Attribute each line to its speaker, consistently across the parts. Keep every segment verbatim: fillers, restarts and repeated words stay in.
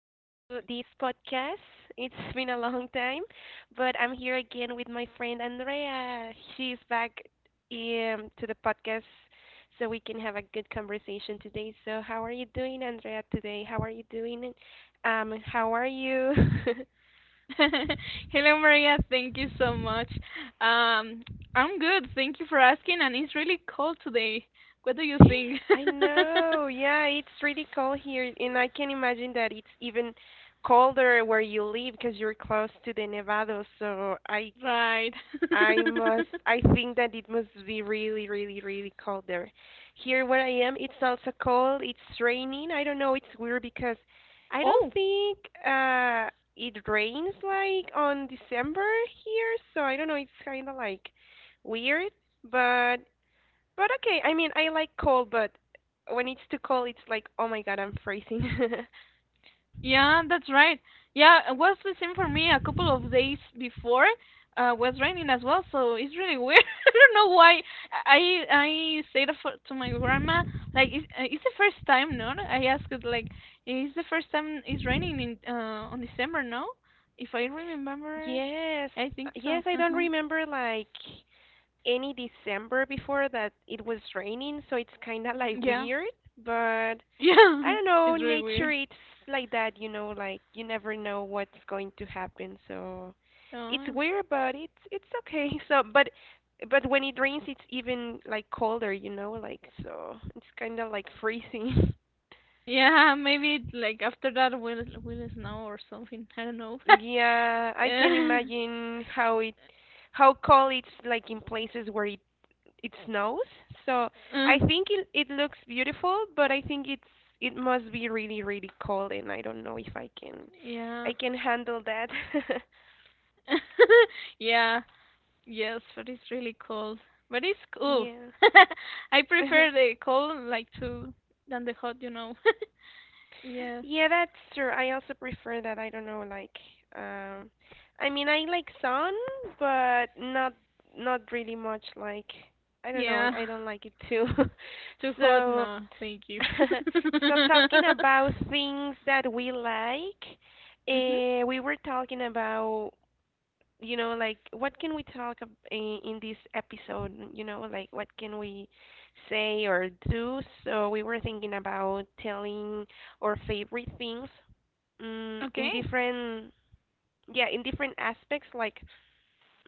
Speaker 1: this podcast. It's been a long time, but I'm here again with my friend Andrea. She's back um, to the podcast so we can have a good conversation today. So how are you doing, Andrea, today? How are you doing? Um how are you?
Speaker 2: Hello, Maria. Thank you so much. Um, I'm good. Thank you for asking. And it's really cold today. What do you think?
Speaker 1: I know. Yeah, it's really cold here and I can imagine that it's even colder where you live because you're close to the Nevado. So I
Speaker 2: Right.
Speaker 1: I must. I think that it must be really, really, really cold there. Here where I am, it's also cold. It's raining. I don't know. It's weird because I don't
Speaker 2: Oh,
Speaker 1: think uh it rains like on December here, so I don't know. It's kind of like weird, but but okay. I mean, I like cold, but when it's too cold, it's like, oh my God, I'm freezing.
Speaker 2: yeah, that's right. Yeah, it was the same for me a couple of days before. Uh, was raining as well, so it's really weird. I don't know why. I I said for, to my grandma, like it's, uh, it's the first time, no? I asked it like, it's the first time it's raining in uh on December, no? If I remember,
Speaker 1: Yes,
Speaker 2: I think so.
Speaker 1: yes, I don't
Speaker 2: Uh-huh.
Speaker 1: remember like any December before that it was raining, so it's kind of like
Speaker 2: Yeah,
Speaker 1: weird, but I
Speaker 2: yeah,
Speaker 1: don't know,
Speaker 2: it's really
Speaker 1: nature
Speaker 2: weird.
Speaker 1: it's like that, you know, like you never know what's going to happen, so it's
Speaker 2: Oh,
Speaker 1: weird, but it's it's okay. So, but but when it rains, it's even like colder, you know, like so it's kind of like freezing.
Speaker 2: yeah, maybe like after that will will snow or something. I don't know.
Speaker 1: Yeah, I can
Speaker 2: Yeah.
Speaker 1: imagine how it how cold it's like in places where it it snows. So
Speaker 2: Uh,
Speaker 1: I think it it looks beautiful, but I think it's it must be really really cold, and I don't know if I can
Speaker 2: yeah.
Speaker 1: I can handle that.
Speaker 2: yeah. Yes, but it's really cold. But it's cool.
Speaker 1: Yeah.
Speaker 2: I prefer the cold like to than the hot, you know. Yes.
Speaker 1: Yeah, that's true. I also prefer that. I don't know, like, um, I mean, I like sun, but not not really much. Like, I don't know. I,
Speaker 2: Yeah.
Speaker 1: I don't like it too.
Speaker 2: Too hot?
Speaker 1: So.
Speaker 2: No, thank you.
Speaker 1: So talking about things that we like,
Speaker 2: Mhm.
Speaker 1: uh, we were talking about, you know, like what can we talk ab in, in this episode, you know, like what can we say or do? So we were thinking about telling our favorite things, mm, in
Speaker 2: Okay.
Speaker 1: different, yeah, in different aspects, like,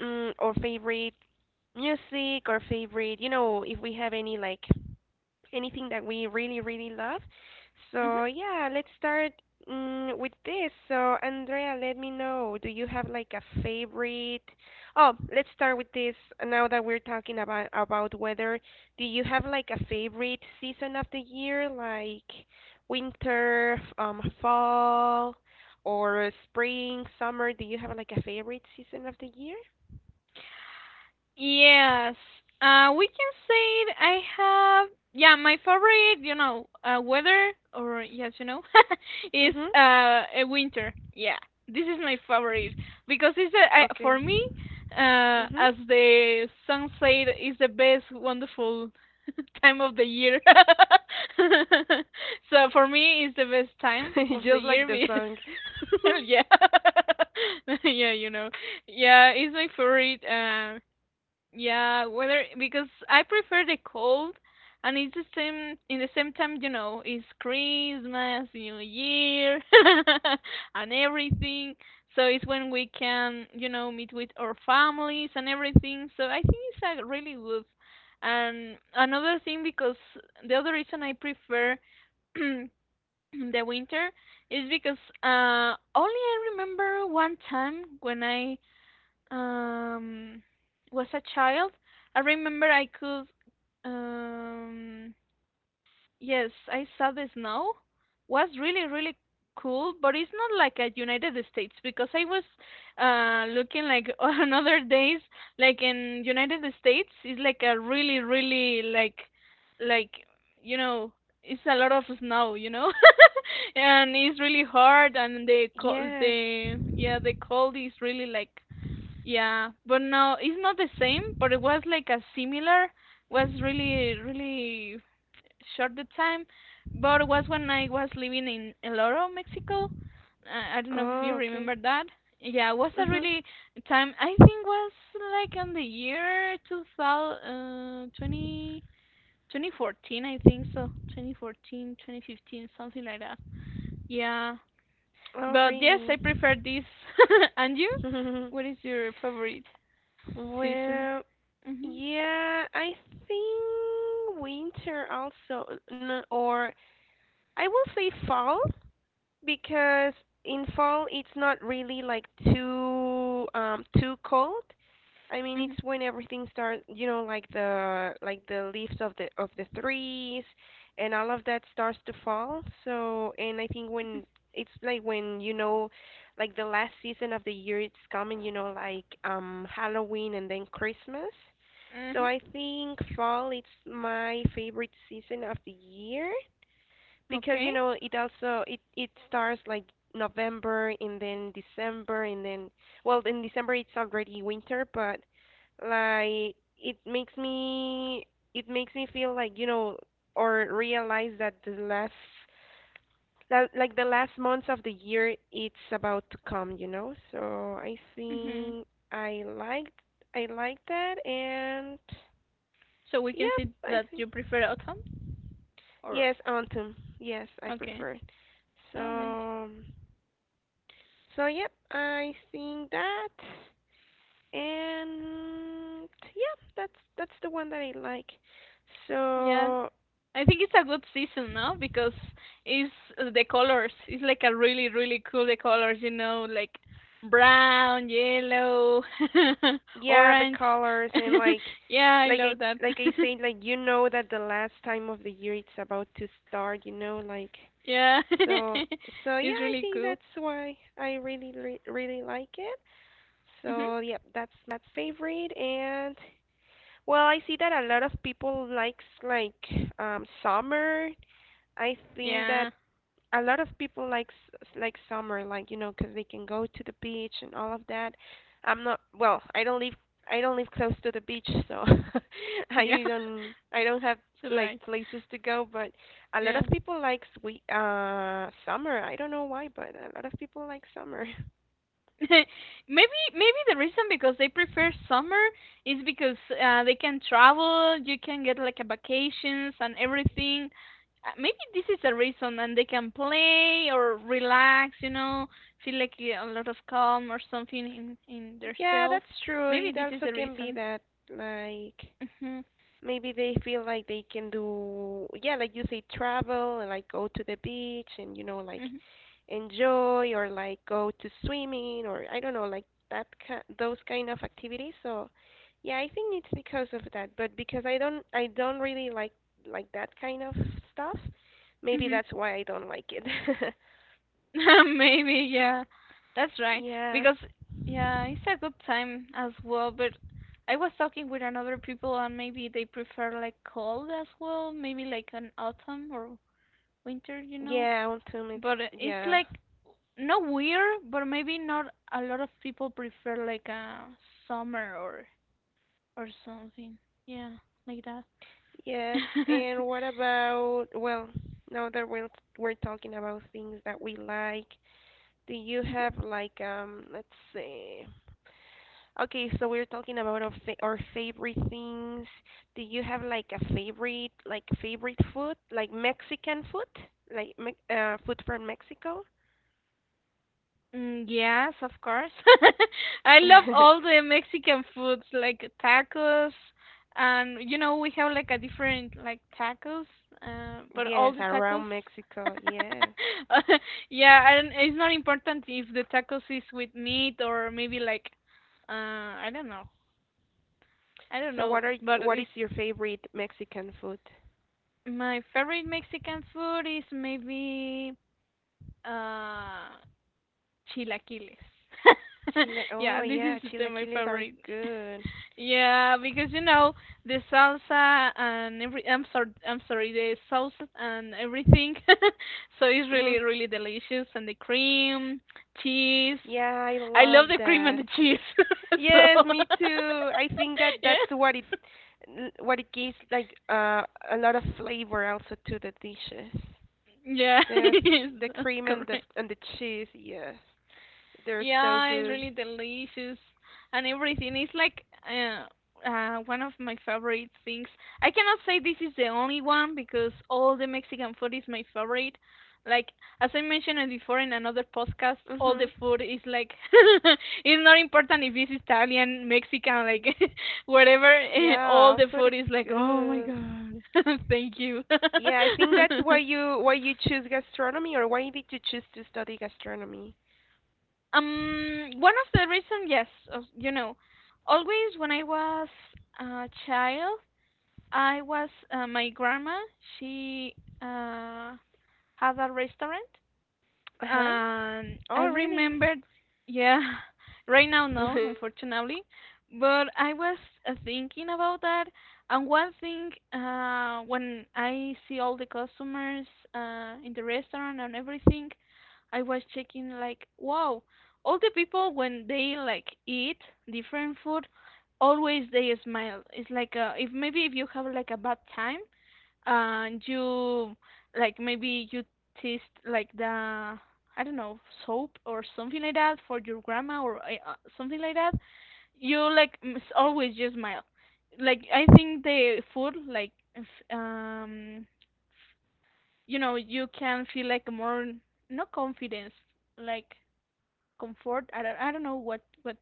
Speaker 1: mm, our favorite music, our favorite, you know, if we have any like anything that we really, really love.
Speaker 2: Mhm.
Speaker 1: So yeah, let's start mm, with this. So Andrea, let me know. Do you have like a favorite? Oh, let's start with this. Now that we're talking about about weather, do you have like a favorite season of the year, like winter, f- um, fall, or spring, summer? Do you have like a favorite season of the year?
Speaker 2: Yes. Uh, we can say it. I have, yeah, my favorite, you know, uh, weather, or yes, you know, is
Speaker 1: Mhm.
Speaker 2: uh, a winter. Yeah, this is my favorite because it's a, I,
Speaker 1: Okay.
Speaker 2: for me, uh,
Speaker 1: Mhm.
Speaker 2: as the sunset is the best, wonderful time of the year. So for me, it's the best time of the
Speaker 1: Just like
Speaker 2: year.
Speaker 1: the
Speaker 2: be-
Speaker 1: song.
Speaker 2: Yeah, yeah, you know, yeah, it's my favorite. Um, yeah, whether because I prefer the cold, and it's the same in the same time, you know, it's Christmas, New Year, and everything. So it's when we can, you know, meet with our families and everything. So I think it's a really good. And another thing, because the other reason I prefer the winter is because uh only I remember one time when I um was a child, I remember I could um yes, I saw the snow. Was really really cool, but it's not like at United States because I was uh looking like on other days like in United States it's like a really really like like you know it's a lot of snow, you know, and it's really hard and the co-
Speaker 1: Yes.
Speaker 2: the yeah the cold is really like yeah, but no, it's not the same, but it was like a similar, was really, really short the time, but it was when I was living in El Oro, Mexico. I, I don't know if you
Speaker 1: Oh, okay.
Speaker 2: remember that. Yeah, it was a
Speaker 1: Mhm.
Speaker 2: really time, I think was like on the year 2000, uh, 20, twenty fourteen, I think so, twenty fourteen, twenty fifteen, something like that. Yeah,
Speaker 1: Oh,
Speaker 2: but yes, I
Speaker 1: really?
Speaker 2: prefer this. And you? What is your favorite season?
Speaker 1: Well,
Speaker 2: Mhm.
Speaker 1: yeah, I think winter also, n- or I will say fall because in fall it's not really like too um too cold. I mean,
Speaker 2: Mhm.
Speaker 1: it's when everything starts, you know, like the like the leaves of the of the trees and all of that starts to fall. So, and I think when it's like when you know, like the last season of the year it's coming, you know, like um Halloween and then Christmas. So
Speaker 2: Mhm.
Speaker 1: I think fall it's my favorite season of the year. Because
Speaker 2: Okay.
Speaker 1: you know it also it it starts like November and then December, and then well, in December it's already winter but like it makes me it makes me feel like you know or realize that the last la- like the last months of the year it's about to come, you know, so I
Speaker 2: Mhm.
Speaker 1: think I liked I like that. And
Speaker 2: So we can
Speaker 1: yeah,
Speaker 2: see
Speaker 1: I
Speaker 2: that
Speaker 1: think
Speaker 2: you prefer autumn or
Speaker 1: yes, autumn, yes, I
Speaker 2: okay.
Speaker 1: prefer it,
Speaker 2: Oh my.
Speaker 1: so. So yep, I seen that, and yeah, that's that's the one that I like.
Speaker 2: Yeah.
Speaker 1: So
Speaker 2: I think it's a good season now because it's uh, the colors. It's like a really really cool the colors, you know, like brown, yellow,
Speaker 1: yeah, the
Speaker 2: orange.
Speaker 1: colors and like
Speaker 2: Yeah, I
Speaker 1: like I
Speaker 2: love that.
Speaker 1: like I say like you know that the last time of the year it's about to start, you know, like
Speaker 2: Yeah.
Speaker 1: so. So
Speaker 2: It's
Speaker 1: yeah, I
Speaker 2: really
Speaker 1: think
Speaker 2: cool.
Speaker 1: that's why I really re- really like it.
Speaker 2: Mhm.
Speaker 1: So yep, that's my favorite and well, I see that a lot of people likes like um summer. I think that
Speaker 2: Yeah.
Speaker 1: a lot of people like s- like summer, like you know, 'cause they can go to the beach and all of that. I'm not well. I don't live, I don't live close to the beach, so
Speaker 2: Yeah.
Speaker 1: I don't I don't have
Speaker 2: So do
Speaker 1: like
Speaker 2: I.
Speaker 1: places to go. But a lot
Speaker 2: Yeah.
Speaker 1: of people like we uh summer. I don't know why, but a lot of people like summer.
Speaker 2: maybe maybe the reason because they prefer summer is because uh, they can travel, you can get like a vacations and everything. Uh, Maybe this is a reason, and they can play or relax, you know, feel like yeah, a lot of calm or something in in their
Speaker 1: Yeah,
Speaker 2: self.
Speaker 1: that's true.
Speaker 2: Maybe
Speaker 1: It
Speaker 2: this is
Speaker 1: also
Speaker 2: the
Speaker 1: can be
Speaker 2: reason.
Speaker 1: that like
Speaker 2: Mhm.
Speaker 1: maybe they feel like they can do, yeah, like you say, travel and like go to the beach and, you know, like
Speaker 2: Mhm.
Speaker 1: enjoy or like go to swimming or I don't know, like that ki those kind of activities. So, yeah, I think it's because of that, but because I don't I don't really like like that kind of stuff, maybe
Speaker 2: Mhm.
Speaker 1: that's why I don't like it.
Speaker 2: Maybe, yeah. That's right.
Speaker 1: Yeah.
Speaker 2: Because, yeah, it's a good time as well, but I was talking with another people and maybe they prefer like cold as well, maybe like an autumn or winter, you know.
Speaker 1: Yeah, autumn it's
Speaker 2: But uh, it's
Speaker 1: yeah.
Speaker 2: like not weird, but maybe not a lot of people prefer like a summer or or something. Yeah, like that.
Speaker 1: Yes, and what about, well, now that we're we're talking about things that we like, do you have like um, let's see. Okay, so we're talking about our fa our favorite things. Do you have like a favorite like favorite food, like Mexican food, like me uh food from Mexico?
Speaker 2: Mm, yes, of course. I love all the Mexican foods like tacos and you know we have like a different like tacos, uh, but all
Speaker 1: Yes,
Speaker 2: the tacos.
Speaker 1: around Mexico. Yes.
Speaker 2: Yeah, and it's not important if the tacos is with meat or maybe like uh I don't know. I don't
Speaker 1: So what
Speaker 2: know,
Speaker 1: are
Speaker 2: but
Speaker 1: what
Speaker 2: it's
Speaker 1: is your favorite Mexican food?
Speaker 2: my favorite Mexican food is maybe uh chilaquiles.
Speaker 1: Chila. Oh
Speaker 2: Yeah, this
Speaker 1: yeah,
Speaker 2: is the, my
Speaker 1: chilaquiles are
Speaker 2: favorite.
Speaker 1: good.
Speaker 2: Yeah, because you know the salsa and every I'm sorry I'm sorry the sauces and everything, so it's really really delicious and the cream, cheese.
Speaker 1: Yeah, I
Speaker 2: I
Speaker 1: love
Speaker 2: love the cream and
Speaker 1: that.
Speaker 2: the cheese. So
Speaker 1: Yes, me too. I think that that's
Speaker 2: yeah,
Speaker 1: what it n- what it gives like uh a lot of flavor also to the dishes.
Speaker 2: yeah,
Speaker 1: The f-
Speaker 2: yes,
Speaker 1: the
Speaker 2: that's
Speaker 1: cream and the
Speaker 2: correct.
Speaker 1: and the cheese, yes. They're so
Speaker 2: Yeah, it's
Speaker 1: good.
Speaker 2: really delicious and everything. It's like uh, uh, one of my favorite things. I cannot say this is the only one because all the Mexican food is my favorite. Like as I mentioned it before in another podcast, all the
Speaker 1: Mhm.
Speaker 2: food is like it's not important if it's Italian, Mexican, like whatever.
Speaker 1: Yeah,
Speaker 2: All
Speaker 1: our
Speaker 2: the
Speaker 1: food
Speaker 2: food is
Speaker 1: it's
Speaker 2: like, oh my
Speaker 1: good.
Speaker 2: god, thank you.
Speaker 1: Yeah, I think that's why you why you choose gastronomy or why did you choose to study gastronomy?
Speaker 2: Um, one of the reasons, yes, of, you know, always when I was a child, I was uh, my grandma. She uh, had a restaurant,
Speaker 1: Uh-huh.
Speaker 2: um,
Speaker 1: Oh,
Speaker 2: I
Speaker 1: really?
Speaker 2: remembered, yeah, right now no, unfortunately, but I was uh, thinking about that. And one thing, uh, when I see all the customers uh, in the restaurant and everything, I was checking like, wow, all the people when they like eat different food, always they smile. It's like uh, if maybe if you have like a bad time and you like maybe you taste like the I don't know soap or something like that for your grandma or uh, uh, something like that, you like m- s- always just smile. Like I think the food like f- um you know you can feel like more no confidence like comfort I don't I don't know what what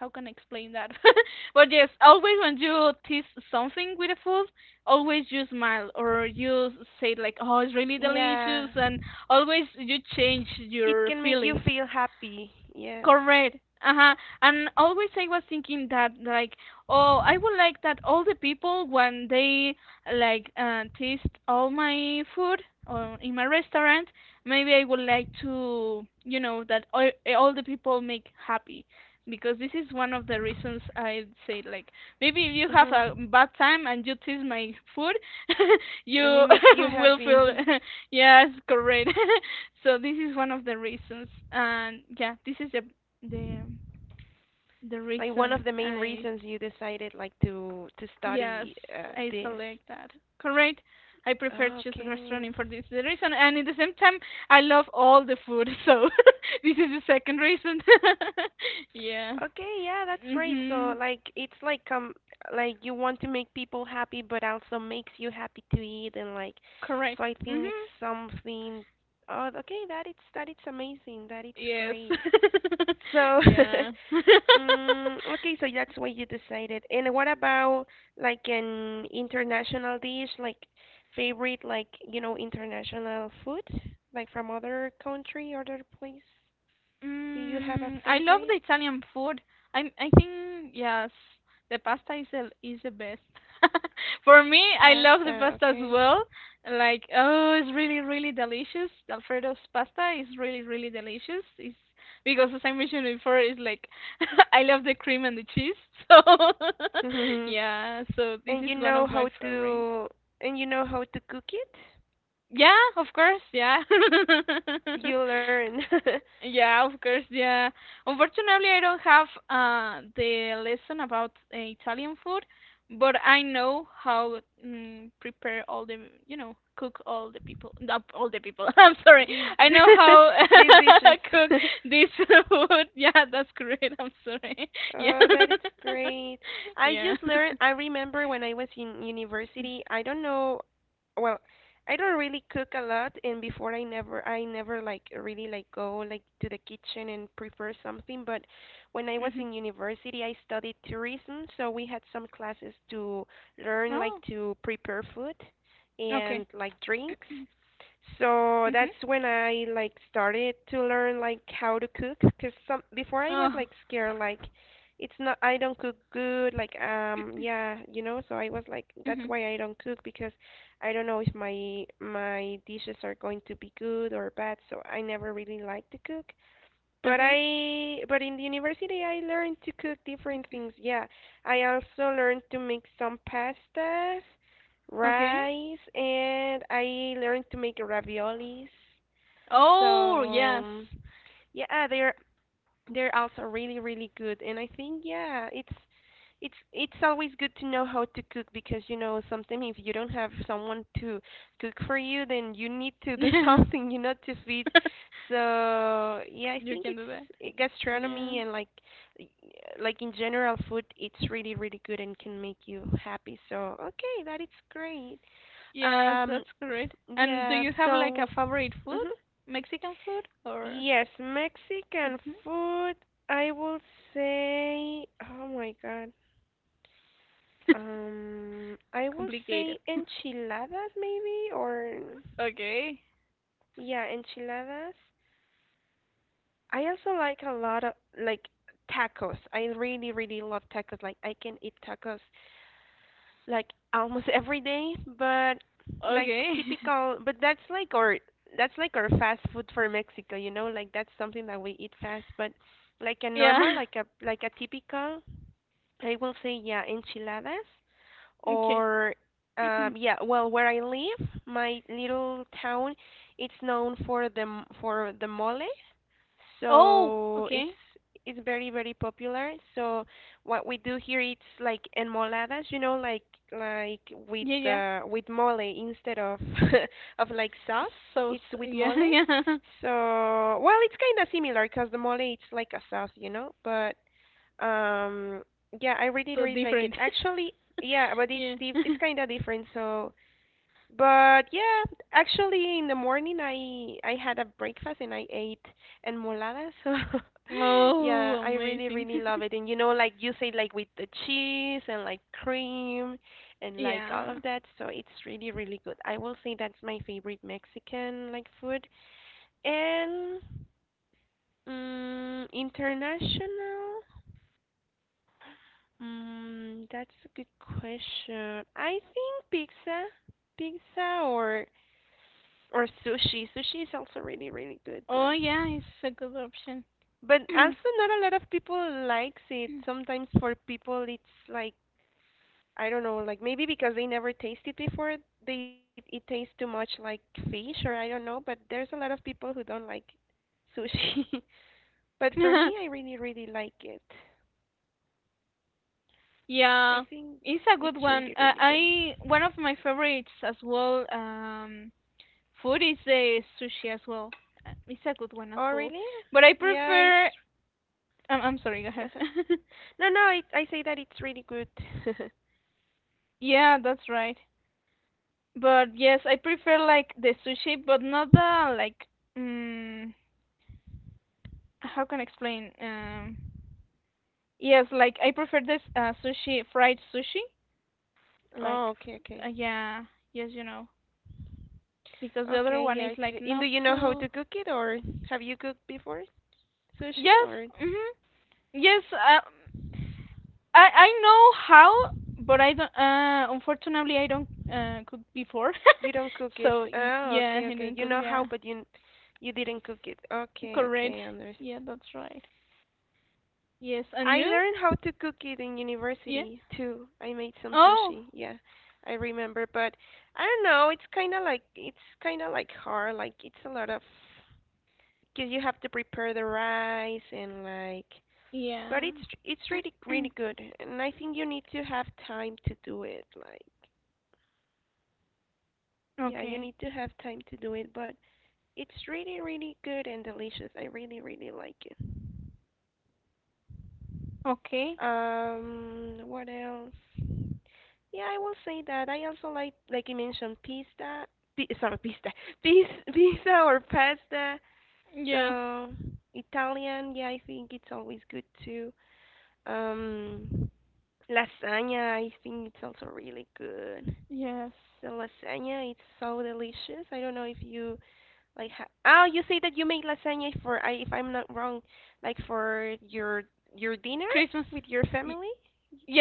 Speaker 2: how can I explain that? But yes, always when you taste something with the food, always you smile or you say like, "Oh, it's really
Speaker 1: Yeah.
Speaker 2: delicious," and always you change
Speaker 1: It
Speaker 2: your
Speaker 1: can make you
Speaker 2: feelings.
Speaker 1: feel happy. Yes.
Speaker 2: Correct. Uh-huh. And always I was thinking that like, oh, I would like that all the people when they like uh, taste all my food or in my restaurant, maybe I would like to, you know, that all, eh, all the people make happy because this is one of the reasons I say like maybe if you have
Speaker 1: Mm-hmm.
Speaker 2: a bad time and you taste my food, you
Speaker 1: And it makes you
Speaker 2: will feel
Speaker 1: happy.
Speaker 2: yes, correct. So this is one of the reasons and yeah this is the the the
Speaker 1: Like one of
Speaker 2: reason
Speaker 1: the main
Speaker 2: I
Speaker 1: reasons you decided like to to
Speaker 2: yes
Speaker 1: study uh,
Speaker 2: I
Speaker 1: this.
Speaker 2: select that correct. I prefer choose
Speaker 1: Okay.
Speaker 2: gastronomy for this the reason, and at the same time I love all the food, so this is the second reason. Yeah.
Speaker 1: Okay, yeah, that's great. So
Speaker 2: Mhm.
Speaker 1: like it's like um like you want to make people happy but also makes you happy to eat and like so
Speaker 2: Correct.
Speaker 1: I think it's
Speaker 2: Mhm.
Speaker 1: something oh okay, that it's that it's amazing. That it's
Speaker 2: Yes.
Speaker 1: great. So,
Speaker 2: Yeah.
Speaker 1: mm, okay, so that's why you decided. And what about like an international dish, like favorite, like, you know, international food, like from other country, other place? Do you have a
Speaker 2: Mm, I love
Speaker 1: favorite?
Speaker 2: the Italian food. I I think yes, the pasta is the is the best. For me, I love the
Speaker 1: Pasta,
Speaker 2: pasta as
Speaker 1: okay.
Speaker 2: well. Like, oh, it's really really delicious. The Alfredo's pasta is really really delicious. It's because as I mentioned before, it's like I love the cream and the cheese. So yeah, so this
Speaker 1: And
Speaker 2: is
Speaker 1: you
Speaker 2: one
Speaker 1: know
Speaker 2: of my
Speaker 1: how
Speaker 2: favorites.
Speaker 1: to, and you know how to cook it?
Speaker 2: Yeah, of course, yeah.
Speaker 1: You learn
Speaker 2: Yeah, of course. Yeah. Unfortunately, I don't have uh, the lesson about uh, Italian food, but I know how mm, prepare all the, you know, cook all the people, not all the people. I'm sorry.
Speaker 1: these
Speaker 2: I know how
Speaker 1: these dishes.
Speaker 2: cook this food. Yeah, that's great. I'm sorry. Yeah.
Speaker 1: Oh, that is great. I
Speaker 2: Yeah.
Speaker 1: just learned, I remember when I was in university, I don't know, well, I don't really cook a lot, and before I never, I never like really like go like to the kitchen and prepare something, but when I was
Speaker 2: Mhm.
Speaker 1: in university, I studied tourism, so we had some classes to learn like
Speaker 2: Oh,
Speaker 1: to prepare food and
Speaker 2: okay.
Speaker 1: like drinks. So
Speaker 2: Mhm.
Speaker 1: that's when I like started to learn like how to cook because some before I was
Speaker 2: Oh.
Speaker 1: like scared like it's not I don't cook good like um yeah you know so I was like that's
Speaker 2: Mhm.
Speaker 1: why I don't cook because I don't know if my my dishes are going to be good or bad, so I never really like to cook but
Speaker 2: Okay.
Speaker 1: I, but in the university, I learned to cook different things. Yeah, I also learned to make some pastas,
Speaker 2: Okay.
Speaker 1: rice, and I learned to make raviolis.
Speaker 2: Oh, yes.
Speaker 1: So, yeah, there they're also really, really good, and I think yeah, it's it's it's always good to know how to cook because you know sometimes if you don't have someone to cook for you, then you need to do something, you know, to feed. So yeah, I
Speaker 2: You
Speaker 1: think
Speaker 2: can do
Speaker 1: it's
Speaker 2: that.
Speaker 1: it,
Speaker 2: Yeah.
Speaker 1: gastronomy and like y- like in general food, it's really, really good and can make you happy. So okay, that is great.
Speaker 2: Yes,
Speaker 1: Um,
Speaker 2: that's correct.
Speaker 1: f-
Speaker 2: And do
Speaker 1: yeah,
Speaker 2: you have like a
Speaker 1: so.
Speaker 2: favorite food?
Speaker 1: Mhm.
Speaker 2: Mexican food or
Speaker 1: Yes, Mexican
Speaker 2: mhm.
Speaker 1: food, I will say, oh my God. Um, I would
Speaker 2: Complicated?
Speaker 1: say enchiladas maybe or
Speaker 2: Okay.
Speaker 1: yeah, enchiladas. I also like a lot of like tacos. I really, really love tacos. Like I can eat tacos like almost every day, but like
Speaker 2: Okay.
Speaker 1: typical, but that's like our that's like our fast food for Mexico, you know, like that's something that we eat fast, but like a normal,
Speaker 2: Yeah.
Speaker 1: like a like a typical, I will say yeah, enchiladas
Speaker 2: Okay.
Speaker 1: or um yeah, well, where I live, my little town, it's known for the m- for the mole,
Speaker 2: Oh,
Speaker 1: so it's
Speaker 2: okay.
Speaker 1: it's very very popular. So what we do here it's like enmoladas, you know, like like with
Speaker 2: Yeah, yeah.
Speaker 1: uh, with mole instead of of like sauce,
Speaker 2: So, s-
Speaker 1: it's with
Speaker 2: yeah,
Speaker 1: mole.
Speaker 2: yeah.
Speaker 1: So well, it's kind of similar because the mole it's like a sauce, you know, but um yeah, I really
Speaker 2: So
Speaker 1: really like it
Speaker 2: different.
Speaker 1: actually. Yeah, but it's
Speaker 2: Yeah.
Speaker 1: diff- it's kind of different, so but yeah, actually in the morning I I had a breakfast and I ate enmolada. So
Speaker 2: Oh,
Speaker 1: yeah, I really
Speaker 2: amazing.
Speaker 1: really love it. And you know like you say like with the cheese and like cream and like all
Speaker 2: Yeah.
Speaker 1: of that. So it's really really good. I will say that's my favorite Mexican like food. And mm, international? Mm, that's a good question. I think pizza. Pizza or or sushi. Sushi is also really really good,
Speaker 2: Oh,
Speaker 1: but
Speaker 2: yeah, it's a good option.
Speaker 1: but also not a lot of people likes it. Sometimes for people it's like I don't know, like maybe because they never tasted it before, they it tastes too much like fish or I don't know. But there's a lot of people who don't like sushi. But for me, I really really like it. I
Speaker 2: Yeah,
Speaker 1: think
Speaker 2: it's a good
Speaker 1: it's
Speaker 2: one.
Speaker 1: really
Speaker 2: Uh,
Speaker 1: really good.
Speaker 2: I One of my favorites as well. Um, food is the sushi as well. Uh, It's a good one as
Speaker 1: Oh
Speaker 2: well.
Speaker 1: really?
Speaker 2: But I
Speaker 1: Yeah,
Speaker 2: prefer.
Speaker 1: it's.
Speaker 2: I'm, I'm sorry. Go
Speaker 1: uh
Speaker 2: ahead.
Speaker 1: No, no, I I say that it's really good.
Speaker 2: Yeah, that's right. But yes, I prefer like the sushi, but not the like. Mm, how can I explain? Um, yes, like I prefer this uh, sushi, fried sushi.
Speaker 1: Oh,
Speaker 2: Like,
Speaker 1: okay, okay.
Speaker 2: uh, yeah, yes, you know, because the other
Speaker 1: Okay,
Speaker 2: one
Speaker 1: yeah,
Speaker 2: is
Speaker 1: it's
Speaker 2: like
Speaker 1: re- and do
Speaker 2: not
Speaker 1: you know how to
Speaker 2: too.
Speaker 1: cook it or have you cooked before sushi
Speaker 2: Yes.
Speaker 1: or
Speaker 2: Mm-hmm. Yes, uh, I I know how, but I don't. Uh, unfortunately, I don't uh cook before,
Speaker 1: you don't cook it?
Speaker 2: so y-
Speaker 1: Oh, okay,
Speaker 2: yeah, I
Speaker 1: okay. You
Speaker 2: didn't
Speaker 1: know
Speaker 2: cook.
Speaker 1: how
Speaker 2: Yeah,
Speaker 1: but you n- You didn't cook it. Okay,
Speaker 2: correct.
Speaker 1: okay, understand.
Speaker 2: Yeah, that's right. Yes, and
Speaker 1: I
Speaker 2: you?
Speaker 1: learned how to cook it in
Speaker 2: Yeah.
Speaker 1: university too. I made some
Speaker 2: Oh,
Speaker 1: sushi. Yeah. I remember, but I don't know, it's kind of like it's kind of like hard, like it's a lot of because you have to prepare the rice and like But
Speaker 2: yeah.
Speaker 1: it's it's really really good, and I think you need to have time to do it. Like, yeah, you
Speaker 2: Okay,
Speaker 1: need to have time to do it, but it's really really good and delicious. I really really like it.
Speaker 2: okay.
Speaker 1: Um, what else? Yeah, I will say that I also like like you mentioned pizza. Pi- sorry, pizza, pizza, pizza or pasta.
Speaker 2: Yes,
Speaker 1: So Italian, yeah, I think it's always good too. Um, Lasagna, I think it's also really good.
Speaker 2: yes.
Speaker 1: The lasagna its so delicious. I don't know if you like ha Oh, you say that you make lasagna for I if I'm not wrong, like for your your dinner
Speaker 2: Christmas.
Speaker 1: with your family?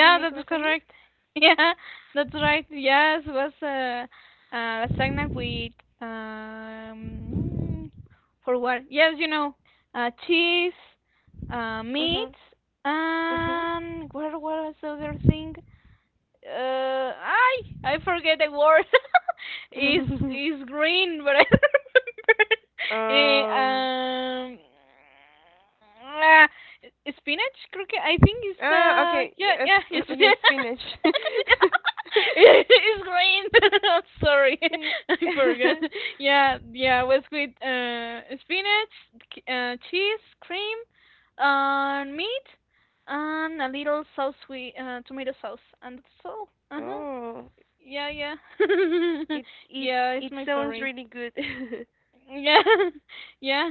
Speaker 1: You make
Speaker 2: that's
Speaker 1: lasagna?
Speaker 2: correct. Yeah, that's right. Yes, was uh, uh, lasagna with um for what? Yes, you know, uh, cheese, uh, meat,
Speaker 1: Mhm.
Speaker 2: and what what was the other thing? uh I I forget the word. is
Speaker 1: Mhm.
Speaker 2: is green, but I remember. Eh,
Speaker 1: Um.
Speaker 2: um ah, Spinach, creo que, I think it's the—
Speaker 1: Ah, okay.
Speaker 2: yeah,
Speaker 1: Yes.
Speaker 2: yeah, it's
Speaker 1: Yes, spinach.
Speaker 2: yeah, it's green. I'm sorry.
Speaker 1: Yeah.
Speaker 2: I forgot. Yeah, yeah, was with uh spinach, c- uh cheese cream, and meat, and a little sauce with uh, tomato sauce, and that's all. Uh huh.
Speaker 1: Oh,
Speaker 2: Yeah, yeah.
Speaker 1: it it
Speaker 2: Yeah, it's
Speaker 1: it
Speaker 2: my
Speaker 1: sounds
Speaker 2: favorite.
Speaker 1: really good.
Speaker 2: Yeah, yeah,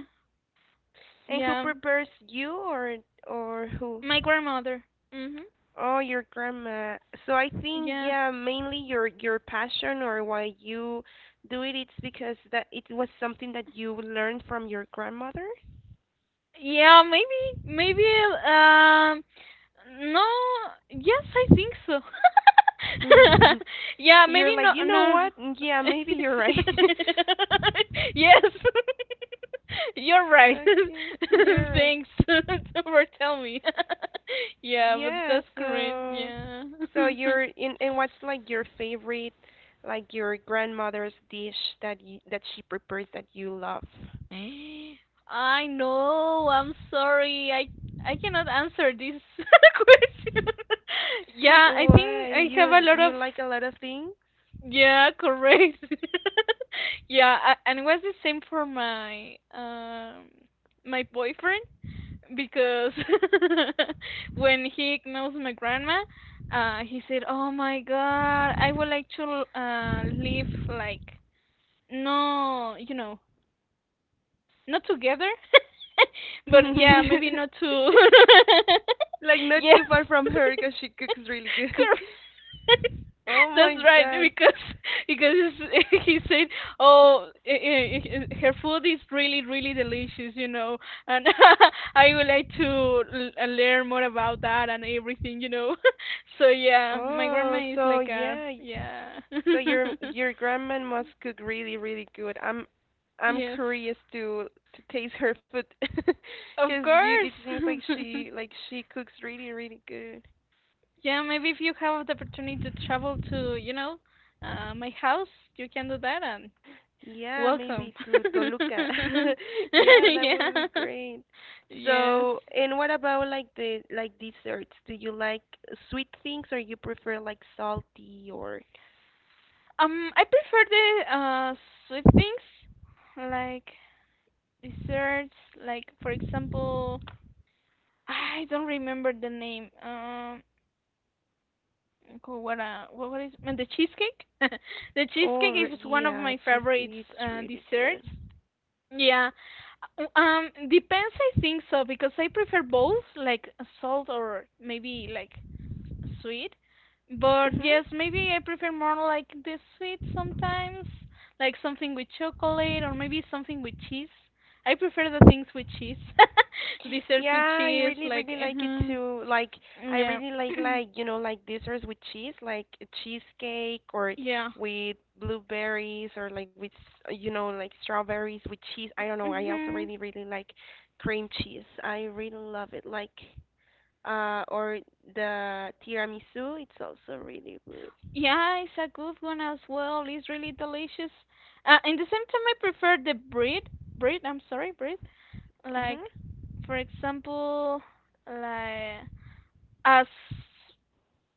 Speaker 1: And who
Speaker 2: yeah.
Speaker 1: prepares you or or who?
Speaker 2: My grandmother. Mhm.
Speaker 1: Oh, your grandma. So I think
Speaker 2: Yeah.
Speaker 1: yeah, mainly your your passion or why you do it, it's because that it was something that you learned from your grandmother.
Speaker 2: Yeah, maybe, maybe, um, no, yes, I think so. Yeah, maybe
Speaker 1: You're like,
Speaker 2: no,
Speaker 1: you know
Speaker 2: no.
Speaker 1: what? Yeah, maybe you're right.
Speaker 2: Yes, you're right.
Speaker 1: Okay, you're right.
Speaker 2: Thanks for telling me. Yeah, but
Speaker 1: Yeah,
Speaker 2: that's correct.
Speaker 1: so
Speaker 2: Yeah.
Speaker 1: so you're in and what's like your favorite, like your grandmother's dish that you that she prepares that you love?
Speaker 2: I know. I'm sorry. I I cannot answer this question. Yeah, I think
Speaker 1: Why?
Speaker 2: I have a
Speaker 1: You
Speaker 2: lot
Speaker 1: you
Speaker 2: of.
Speaker 1: like a lot of things?
Speaker 2: Yeah, correct. yeah, a- and it was the same for my um my boyfriend, because when he knows my grandma, uh he said, "Oh my god, I would like to uh live like— no, you know, not together, but yeah, maybe
Speaker 1: Like
Speaker 2: not to."
Speaker 1: not
Speaker 2: Yes.
Speaker 1: too far from her because she cooks really good. Oh my
Speaker 2: That's right,
Speaker 1: god.
Speaker 2: because because it's- he said, "Oh, i i i- her food is really, really delicious, you know, and I would like to l- uh, learn more about that and everything, you know." So yeah, my grandma
Speaker 1: Oh,
Speaker 2: is
Speaker 1: so
Speaker 2: like a—
Speaker 1: yeah. y-
Speaker 2: yeah,
Speaker 1: So your your grandma must cook really really good. I'm I'm
Speaker 2: yes,
Speaker 1: curious to to taste her food because
Speaker 2: of
Speaker 1: you it
Speaker 2: course.
Speaker 1: seems like she like she cooks really really good.
Speaker 2: Yeah, maybe if you have the opportunity to travel to, you know, uh, my house, you can do that, and—
Speaker 1: Yeah,
Speaker 2: Welcome.
Speaker 1: maybe to Toluca. Yeah, that would be
Speaker 2: Yeah.
Speaker 1: great.
Speaker 2: Yes.
Speaker 1: So, and what about like the like desserts? Do you like sweet things or you prefer like salty or
Speaker 2: Um, I prefer the uh sweet things, like desserts, like for example, I don't remember the name. Um, co- what uh, what what is uh, the cheesecake? The cheesecake
Speaker 1: or
Speaker 2: is one of
Speaker 1: yeah,
Speaker 2: my favorites
Speaker 1: cheesecake it's
Speaker 2: uh,
Speaker 1: really good.
Speaker 2: desserts. Yeah. Uh, Um, depends, I think so, because I prefer both, like salt or maybe like sweet. But
Speaker 1: Mhm.
Speaker 2: yes, maybe I prefer more like the sweet sometimes, like something with chocolate or maybe something with cheese. I prefer the things with cheese, desserts with
Speaker 1: Yeah, I
Speaker 2: cheese,
Speaker 1: really,
Speaker 2: like
Speaker 1: really like it
Speaker 2: uh
Speaker 1: too. Like, I
Speaker 2: yeah,
Speaker 1: really like, like, you know, like desserts with cheese, like a cheesecake or
Speaker 2: yeah,
Speaker 1: with blueberries or like with, s- you know, like strawberries with cheese. I don't know. I also
Speaker 2: mhm,
Speaker 1: really, really like cream cheese. I really love it. Like, uh, or the tiramisu. It's also really good.
Speaker 2: yeah. It's a good one as well. It's really delicious. Uh, in the same time, I prefer the bread, bread. I'm sorry, bread. Like,
Speaker 1: Mhm.
Speaker 2: for example, like as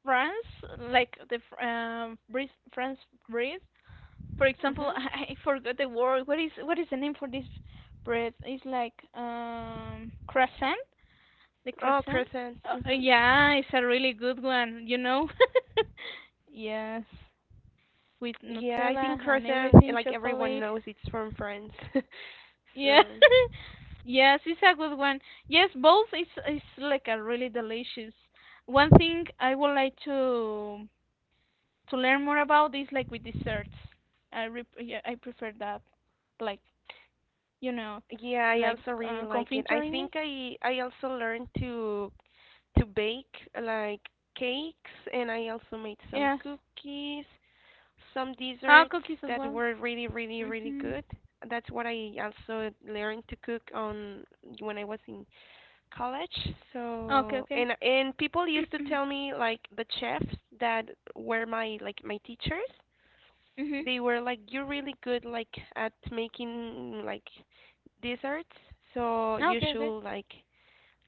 Speaker 2: France, like the fr- um breeze, France breeze. For example,
Speaker 1: Mhm.
Speaker 2: I forgot the word. What is what is the name for this bread? It's like um croissant. The
Speaker 1: Oh,
Speaker 2: croissant.
Speaker 1: croissant.
Speaker 2: Uh, uh,
Speaker 1: Mhm.
Speaker 2: yeah, it's a really good one, you know. Yes, with
Speaker 1: Yeah, I think
Speaker 2: Nutella and
Speaker 1: croissant, eh,
Speaker 2: everything,
Speaker 1: like everyone
Speaker 2: chocolate.
Speaker 1: knows, it's from France.
Speaker 2: Yeah.
Speaker 1: So.
Speaker 2: Yes, it's a good one. Yes, both is is like a really delicious. One thing I would like to to learn more about this, like with desserts, I re- yeah, I prefer that, like, you know,
Speaker 1: Yeah, I
Speaker 2: like
Speaker 1: also really
Speaker 2: uh,
Speaker 1: like it. I
Speaker 2: confiterie.
Speaker 1: think I I also learned to to bake like cakes and I also made some
Speaker 2: Yes.
Speaker 1: cookies, some
Speaker 2: Ah,
Speaker 1: desserts
Speaker 2: cookies as
Speaker 1: that
Speaker 2: well.
Speaker 1: were really really really
Speaker 2: Mhm.
Speaker 1: good. That's what I also learned to cook on when I was in college.
Speaker 2: Okay,
Speaker 1: So,
Speaker 2: okay.
Speaker 1: and and people used to tell me like the chefs that were my like my teachers
Speaker 2: Mhm.
Speaker 1: they were like, "You're really good like at making like desserts, so
Speaker 2: Ah,
Speaker 1: you
Speaker 2: okay, okay.
Speaker 1: should like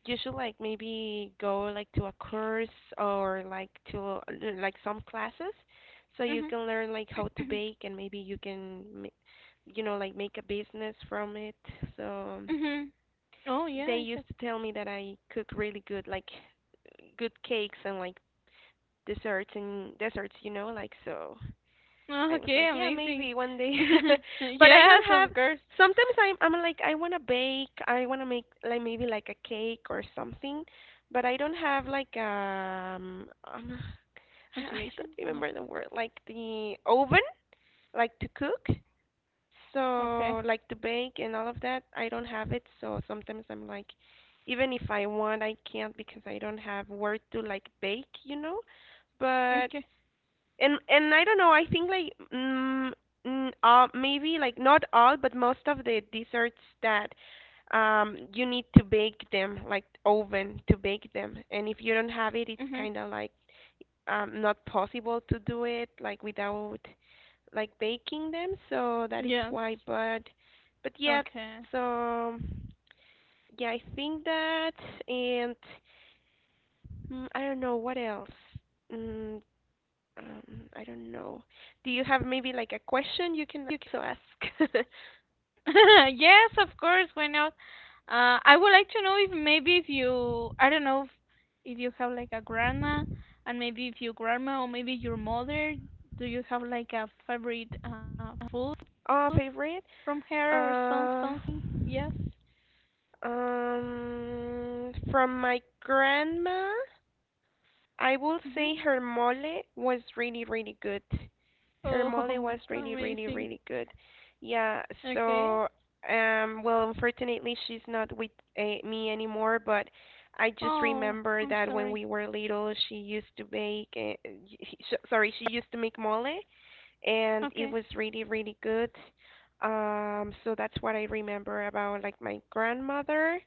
Speaker 1: you should like maybe go like to a course or like to like some classes, so you
Speaker 2: Mhm.
Speaker 1: can learn like how to
Speaker 2: Mhm.
Speaker 1: bake and maybe you can ma- you know like make a business from it." So
Speaker 2: Mhm. Oh yeah,
Speaker 1: they
Speaker 2: I
Speaker 1: used
Speaker 2: said.
Speaker 1: to tell me that I cook really good like good cakes and like desserts and desserts, you know, like so
Speaker 2: Oh,
Speaker 1: I was like,
Speaker 2: okay,
Speaker 1: yeah,
Speaker 2: amazing.
Speaker 1: maybe one day, but I don't
Speaker 2: Yes,
Speaker 1: have.
Speaker 2: of course.
Speaker 1: Sometimes I'm I'm like I wanna bake, I wanna make like maybe like a cake or something, but I don't have like um, um I, I don't
Speaker 2: Motivation. Like,
Speaker 1: remember the word like the oven like to cook,
Speaker 2: okay.
Speaker 1: so like to bake and all of that I don't have it. So sometimes I'm like, even if I want I can't because I don't have work to like bake, you know, but
Speaker 2: Okay.
Speaker 1: and and I don't know. I think like mm, mm, uh, maybe like not all, but most of the desserts that um you need to bake them like oven to bake them, and if you don't have it, it's
Speaker 2: Mhm.
Speaker 1: kind of like um not possible to do it like without like baking them. So that is
Speaker 2: Yes.
Speaker 1: why. But but yeah.
Speaker 2: Okay.
Speaker 1: So yeah, I think that, and mm, I don't know what else. Mm, um, I don't know. Do you have maybe like a question you can you can ask?
Speaker 2: Yes, of course, why not? Uh, I would like to know if, maybe, if you, I don't know, if, if you have like a grandma, and maybe if your grandma or maybe your mother, do you have like a favorite uh, food
Speaker 1: Uh,
Speaker 2: from
Speaker 1: favorite?
Speaker 2: her or some— something?
Speaker 1: Uh,
Speaker 2: Yes.
Speaker 1: um, from my grandma, I will
Speaker 2: Mm-hmm.
Speaker 1: say her mole was really really good. Her mole
Speaker 2: Oh,
Speaker 1: was really, really,
Speaker 2: amazing.
Speaker 1: really good. Yeah,
Speaker 2: Okay.
Speaker 1: so um well unfortunately she's not with uh, me anymore, but I just
Speaker 2: Oh,
Speaker 1: remember
Speaker 2: I'm
Speaker 1: that when
Speaker 2: sorry.
Speaker 1: we were little she used to bake uh, sh sorry, she used to make mole and it
Speaker 2: Okay.
Speaker 1: was really, really good. Um so that's what I remember about like my grandmother.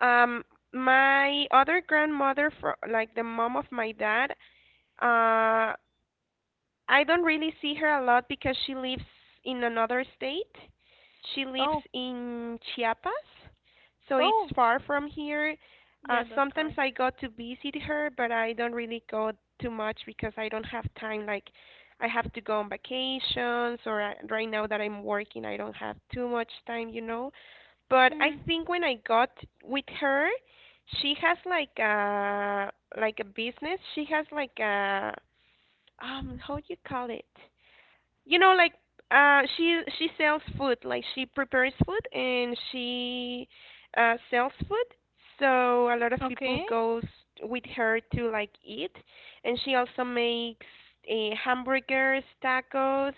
Speaker 1: Um my other grandmother for like the mom of my dad, uh, I don't really see her a lot because she lives in another state. She lives
Speaker 2: Oh,
Speaker 1: in Chiapas, so it's
Speaker 2: oh,
Speaker 1: far from here. Uh,
Speaker 2: yeah, that's
Speaker 1: sometimes
Speaker 2: correct.
Speaker 1: I go to visit her, but I don't really go too much because I don't have time. Like, I have to go on vacations, or I, right now that I'm working, I don't have too much time, you know. But I
Speaker 2: Mm-hmm.
Speaker 1: think when I got with her, she has like a like a business. She has like a um, how do you call it? You know like uh she she sells food like she prepares food and she uh sells food so a lot of people
Speaker 2: Okay.
Speaker 1: goes with her to like eat and she also makes uh, hamburgers tacos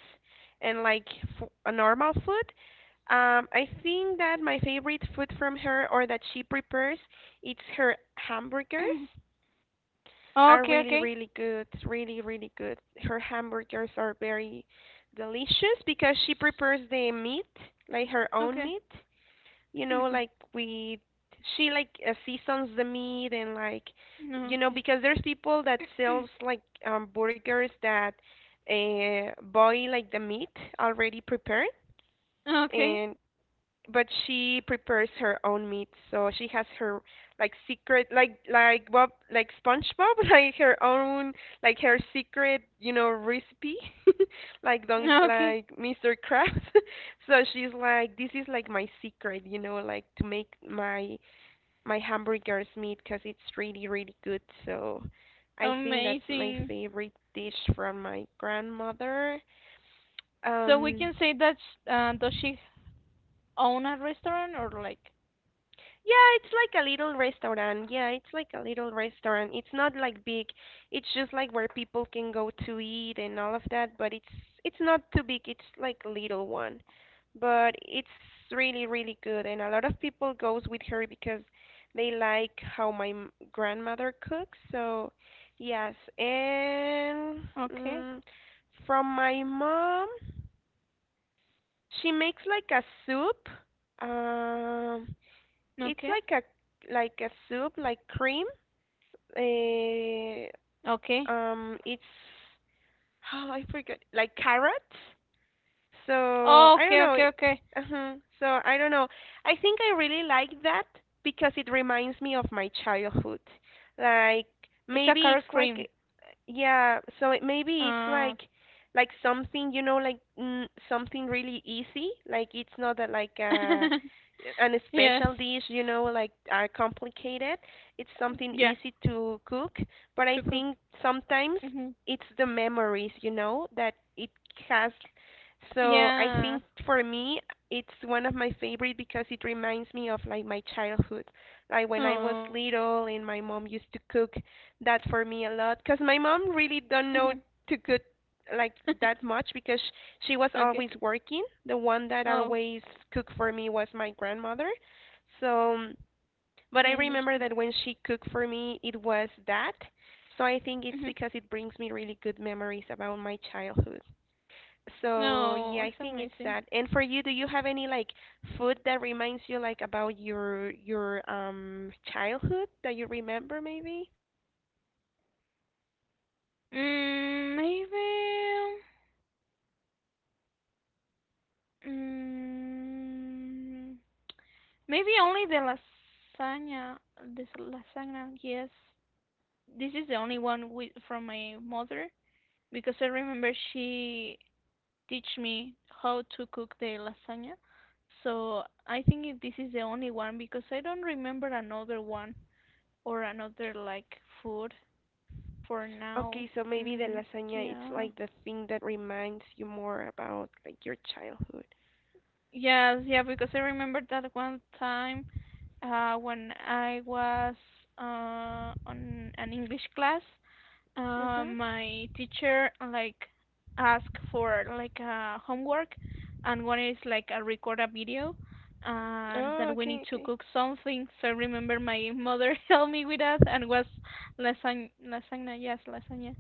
Speaker 1: and like f- a normal food um I think that my favorite food from her or that she prepares it's her hamburgers are
Speaker 2: Okay,
Speaker 1: really,
Speaker 2: okay,
Speaker 1: really good. Really, really good. Her hamburgers are very delicious because she prepares the meat, like her own
Speaker 2: okay.
Speaker 1: meat. You know, like we, she like uh, seasons the meat and like,
Speaker 2: No,
Speaker 1: you know,
Speaker 2: okay.
Speaker 1: because there's people that sells like um burgers that uh boil like the meat already prepared
Speaker 2: Okay.
Speaker 1: and but she prepares her own meat so she has her like secret like like bob like spongebob like her own like her secret you know recipe like don't
Speaker 2: Okay.
Speaker 1: like mr krabs so she's like this is like my secret you know like to make my my hamburgers meat because it's really really good so I think that's my
Speaker 2: Amazing.
Speaker 1: favorite dish from my grandmother
Speaker 2: So we
Speaker 1: um
Speaker 2: can say that sh- uh, does she own a restaurant or like?
Speaker 1: Yeah, it's like a little restaurant. Yeah, it's like a little restaurant. It's not like big. It's just like where people can go to eat and all of that, but it's it's not too big. It's like a little one. But it's really really good and a lot of people goes with her because they like how my m- grandmother cooks. So, yes. And
Speaker 2: Okay.
Speaker 1: mm, from my mom, she makes like a soup. Um it's
Speaker 2: Okay.
Speaker 1: like a like a soup, like cream. Uh,
Speaker 2: Okay.
Speaker 1: um, it's oh, I forgot, like carrots. So
Speaker 2: Oh,
Speaker 1: I don't
Speaker 2: okay.
Speaker 1: know.
Speaker 2: Okay. Okay.
Speaker 1: uh So I don't know. I think I really like that because it reminds me of my childhood. Like
Speaker 2: It's a
Speaker 1: maybe
Speaker 2: carrot
Speaker 1: it's like
Speaker 2: cream.
Speaker 1: a- yeah, so it, maybe it's
Speaker 2: Uh.
Speaker 1: like like something, you know, like mm, something really easy. Like it's not that like uh an
Speaker 2: Yes.
Speaker 1: special dish, you know, like are complicated. It's something
Speaker 2: Yeah.
Speaker 1: easy to cook, but I
Speaker 2: To cook.
Speaker 1: think sometimes
Speaker 2: Hmm.
Speaker 1: it's the memories, you know, that it has so I
Speaker 2: Yeah.
Speaker 1: think for me, it's one of my favorite because it reminds me of like my childhood, like when I was
Speaker 2: Oh.
Speaker 1: little and my mom used to cook that for me a lot. Cause my mom really don't know
Speaker 2: Hmm.
Speaker 1: to cook like that much because she was
Speaker 2: Okay.
Speaker 1: always working. The one that
Speaker 2: Oh,
Speaker 1: always cooked for me was my grandmother. So, but I
Speaker 2: I
Speaker 1: remember
Speaker 2: understand.
Speaker 1: that when she cooked for me, it was that. So I think it's
Speaker 2: Hmm.
Speaker 1: because it brings me really good memories about my childhood. So yeah,
Speaker 2: No,
Speaker 1: I
Speaker 2: it's
Speaker 1: think it's
Speaker 2: amazing.
Speaker 1: that. And for you, do you have any like food that reminds you like about your your um childhood that you remember maybe?
Speaker 2: Mm, maybe. um, Mm, maybe only the lasagna, this lasagna, yes. This is the only one with, from my mother, because I remember she teach me how to cook the lasagna. So I think if this is the only one, because I don't remember another one or another like food for now.
Speaker 1: Okay, so maybe the
Speaker 2: Mm,
Speaker 1: lasagna it's
Speaker 2: yeah.
Speaker 1: like the thing that reminds you more about like your childhood.
Speaker 2: Yes, yeah, because I remember that one time, uh, when I was, uh, on an English class, uh,
Speaker 1: Mhm.
Speaker 2: my teacher like asked for like a homework, and one is like a record a video, and
Speaker 1: Oh,
Speaker 2: that we need
Speaker 1: okay,
Speaker 2: to
Speaker 1: okay.
Speaker 2: cook something. So I remember my mother helped me with that, and was lasagna, lasagna, yes, lasagna.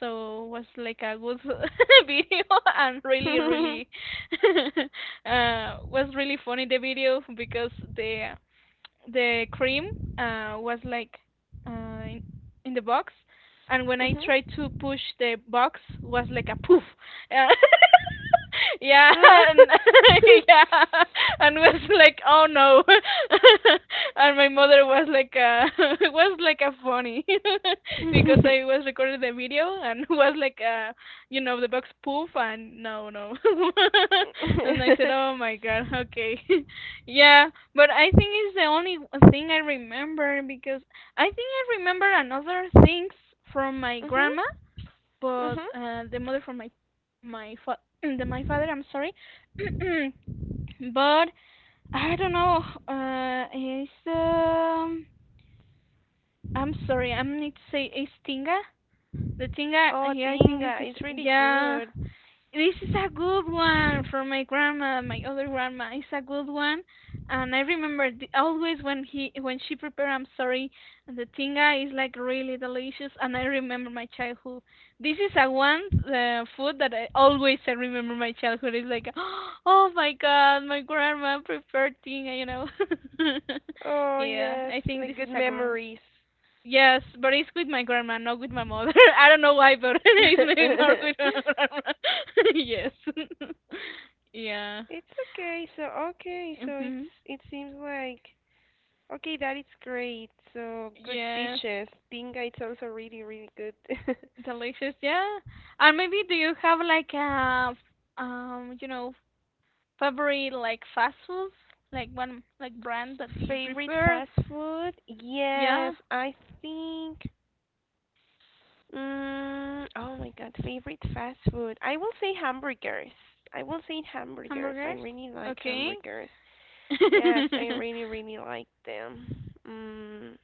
Speaker 2: So was like a good video and really, really uh was really funny the video, because the the cream, uh, was like, uh, in, in the box, and when I tried
Speaker 1: Mhm.
Speaker 2: to push the box, was like a poof. Uh, yeah, and yeah, and was like, oh no, and my mother was like, uh, it was like a funny because
Speaker 1: Mhm.
Speaker 2: I was recording the video, and was like, uh, you know, the box poof, and no, no, and I said, oh my god, okay. Yeah, but I think it's the only thing I remember, because I think I remember another things from my
Speaker 1: Mhm.
Speaker 2: grandma, but
Speaker 1: Mhm.
Speaker 2: uh, the mother from my my fa- the my father. I'm sorry, but I don't know. Uh, it's um. I'm sorry. I need to say, it's tinga. The tinga.
Speaker 1: Oh,
Speaker 2: Yeah, I think it's
Speaker 1: tinga,
Speaker 2: this,
Speaker 1: it's really
Speaker 2: yeah.
Speaker 1: good.
Speaker 2: This is a good one from my grandma, my other grandma. It's a good one, and I remember the— always when he when she prepared. I'm sorry, the tinga is like really delicious, and I remember my childhood. This is a one uh, food that I always I remember my childhood. It's like, oh my god, my grandma prepared tinga, you know.
Speaker 1: Oh,
Speaker 2: Yeah,
Speaker 1: yes,
Speaker 2: I think
Speaker 1: like
Speaker 2: this is
Speaker 1: good
Speaker 2: a good—
Speaker 1: memories.
Speaker 2: Yes, but it's with my grandma, not with my mother. I don't know why, but it's maybe more with my grandma. Yes. Yeah.
Speaker 1: It's okay. So, okay. So it's
Speaker 2: Mhm.
Speaker 1: it seems like okay, that is great. So, good
Speaker 2: Yes.
Speaker 1: dishes. Tinga, it sounds a really, really good.
Speaker 2: Delicious. Yeah. And maybe do you have like a, um, you know, favorite like fast foods, like one like brand that you
Speaker 1: Favorite
Speaker 2: prefer?
Speaker 1: fast food?
Speaker 2: Yeah,
Speaker 1: Yes, I think mm, oh my God, favorite fast food. I will say hamburgers. I will say hamburgers. I
Speaker 2: hamburgers.
Speaker 1: really like
Speaker 2: Okay.
Speaker 1: hamburgers. Yes, I really, really like them. Mm.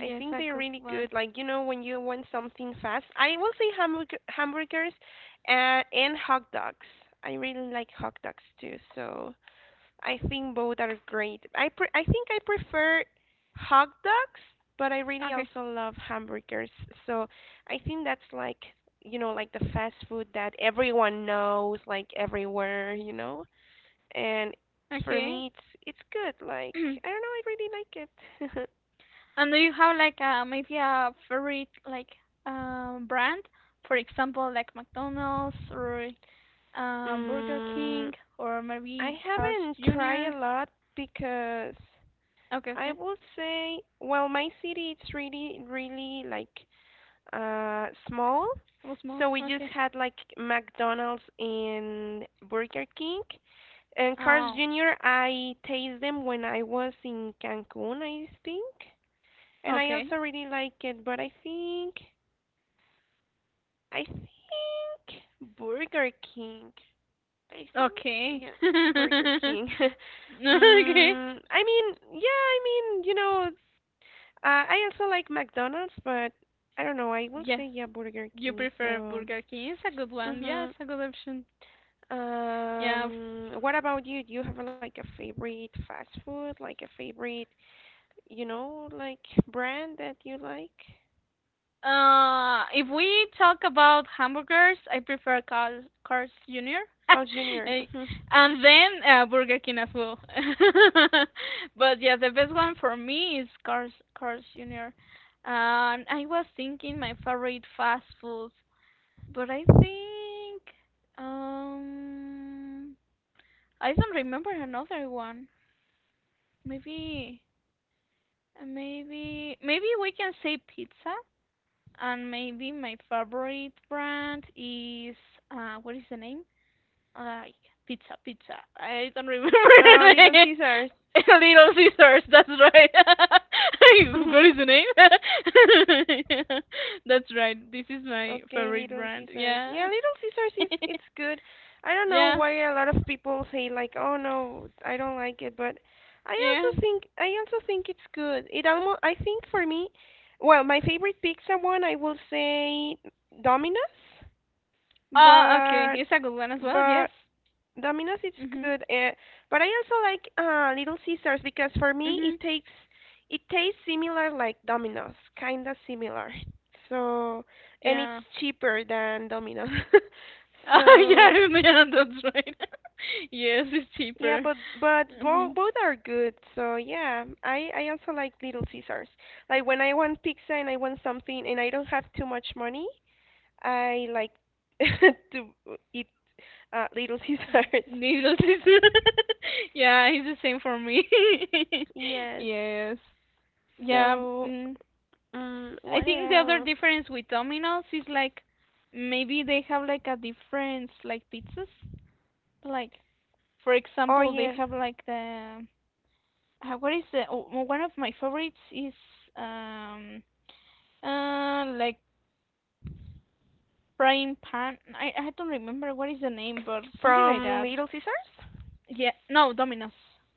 Speaker 1: I think
Speaker 2: a
Speaker 1: they're
Speaker 2: good
Speaker 1: really
Speaker 2: one.
Speaker 1: good. Like, you know, when you want something fast, I will say hamburger, hamburgers and, and hot dogs. I really like hot dogs too, so I think both are great. I pre- I think I prefer hot dogs, but I really
Speaker 2: Okay.
Speaker 1: also love hamburgers. So I think that's like, you know, like the fast food that everyone knows, like everywhere, you know? And for
Speaker 2: Okay.
Speaker 1: me, it's it's good. Like, I don't know, I really like it.
Speaker 2: And do you have like a, maybe a favorite like um brand? For example, like McDonald's, or uh Burger
Speaker 1: Mm,
Speaker 2: King, or
Speaker 1: I
Speaker 2: maybe Carl's
Speaker 1: haven't tried
Speaker 2: Junior
Speaker 1: a lot because
Speaker 2: Okay,
Speaker 1: I
Speaker 2: okay.
Speaker 1: will say, well, my city it's really, really like uh small.
Speaker 2: It was small.
Speaker 1: So we just
Speaker 2: Okay.
Speaker 1: had like McDonald's and Burger King. And Carl's
Speaker 2: Oh,
Speaker 1: Junior, I taste them when I was in Cancun, I think. And I
Speaker 2: okay.
Speaker 1: also really like it, but I think I think Burger King. I think
Speaker 2: Okay.
Speaker 1: yeah, Burger King.
Speaker 2: Okay.
Speaker 1: mm, I mean, yeah, I mean, you know, uh, I also like McDonald's, but I don't know. I will
Speaker 2: Yes.
Speaker 1: say yeah, Burger
Speaker 2: You
Speaker 1: King.
Speaker 2: prefer
Speaker 1: So,
Speaker 2: Burger King. It's a good one. Yeah,
Speaker 1: mhm.
Speaker 2: it's a good option. Yeah.
Speaker 1: Um, what about you? Do you have like a favorite fast food, like a favorite, you know, like brand that you like?
Speaker 2: Uh, if we talk about hamburgers, I prefer Carl, Carl's Junior
Speaker 1: Carl's Junior
Speaker 2: Eh,
Speaker 1: Mhm.
Speaker 2: and then, uh, Burger King as well. But yeah, the best one for me is Carl's, Carl's Junior Um, I was thinking my favorite fast food, but I think, um I don't remember another one. Maybe, maybe, maybe we can say pizza. And maybe my favorite brand is, uh what is the name? Like pizza, pizza. I don't remember
Speaker 1: Oh,
Speaker 2: the
Speaker 1: Little
Speaker 2: name.
Speaker 1: Caesars.
Speaker 2: Little Sisters, that's right. What is the name? Yeah, that's right. This is my
Speaker 1: Okay,
Speaker 2: favorite
Speaker 1: Little
Speaker 2: brand.
Speaker 1: Caesars.
Speaker 2: Yeah.
Speaker 1: Yeah, Little Caesars is it's good. I don't know
Speaker 2: Yeah.
Speaker 1: why a lot of people say like, "Oh no, I don't like it," but I
Speaker 2: Yeah.
Speaker 1: also think I also think it's good. It almost I think for me, well, my favorite pizza one I will say Domino's,
Speaker 2: Ah, okay.
Speaker 1: but
Speaker 2: It's a good one as well. Yes.
Speaker 1: but Domino's is
Speaker 2: Mhm.
Speaker 1: good, uh, but I also like uh, Little Caesars because for me
Speaker 2: Mhm.
Speaker 1: it takes it tastes similar like Domino's, kind of similar. So, and it's
Speaker 2: Yeah.
Speaker 1: cheaper than Domino's.
Speaker 2: Oh,
Speaker 1: So,
Speaker 2: yeah, yeah, that's right. Yes, it's
Speaker 1: yeah,
Speaker 2: cheaper.
Speaker 1: but but both
Speaker 2: Mhm.
Speaker 1: both are good. So, yeah, I I also like Little Caesars. Like when I want pizza and I want something and I don't have too much money, I like to eat uh, Little Caesars.
Speaker 2: Needles is— yeah, it's the same for me.
Speaker 1: Yes.
Speaker 2: Yes. Yeah.
Speaker 1: So,
Speaker 2: Mm.
Speaker 1: Mm,
Speaker 2: I
Speaker 1: what
Speaker 2: think the other
Speaker 1: else?
Speaker 2: difference with Domino's is like, maybe they have like a difference like pizzas. Like, for
Speaker 1: Oh
Speaker 2: example, they
Speaker 1: yeah,
Speaker 2: have like the, uh, what is the— oh, oh, one of my favorites is, um uh like frying pan. I I don't remember what is the name, but something like
Speaker 1: from
Speaker 2: that.
Speaker 1: Little Caesars.
Speaker 2: Yeah. No, Domino's.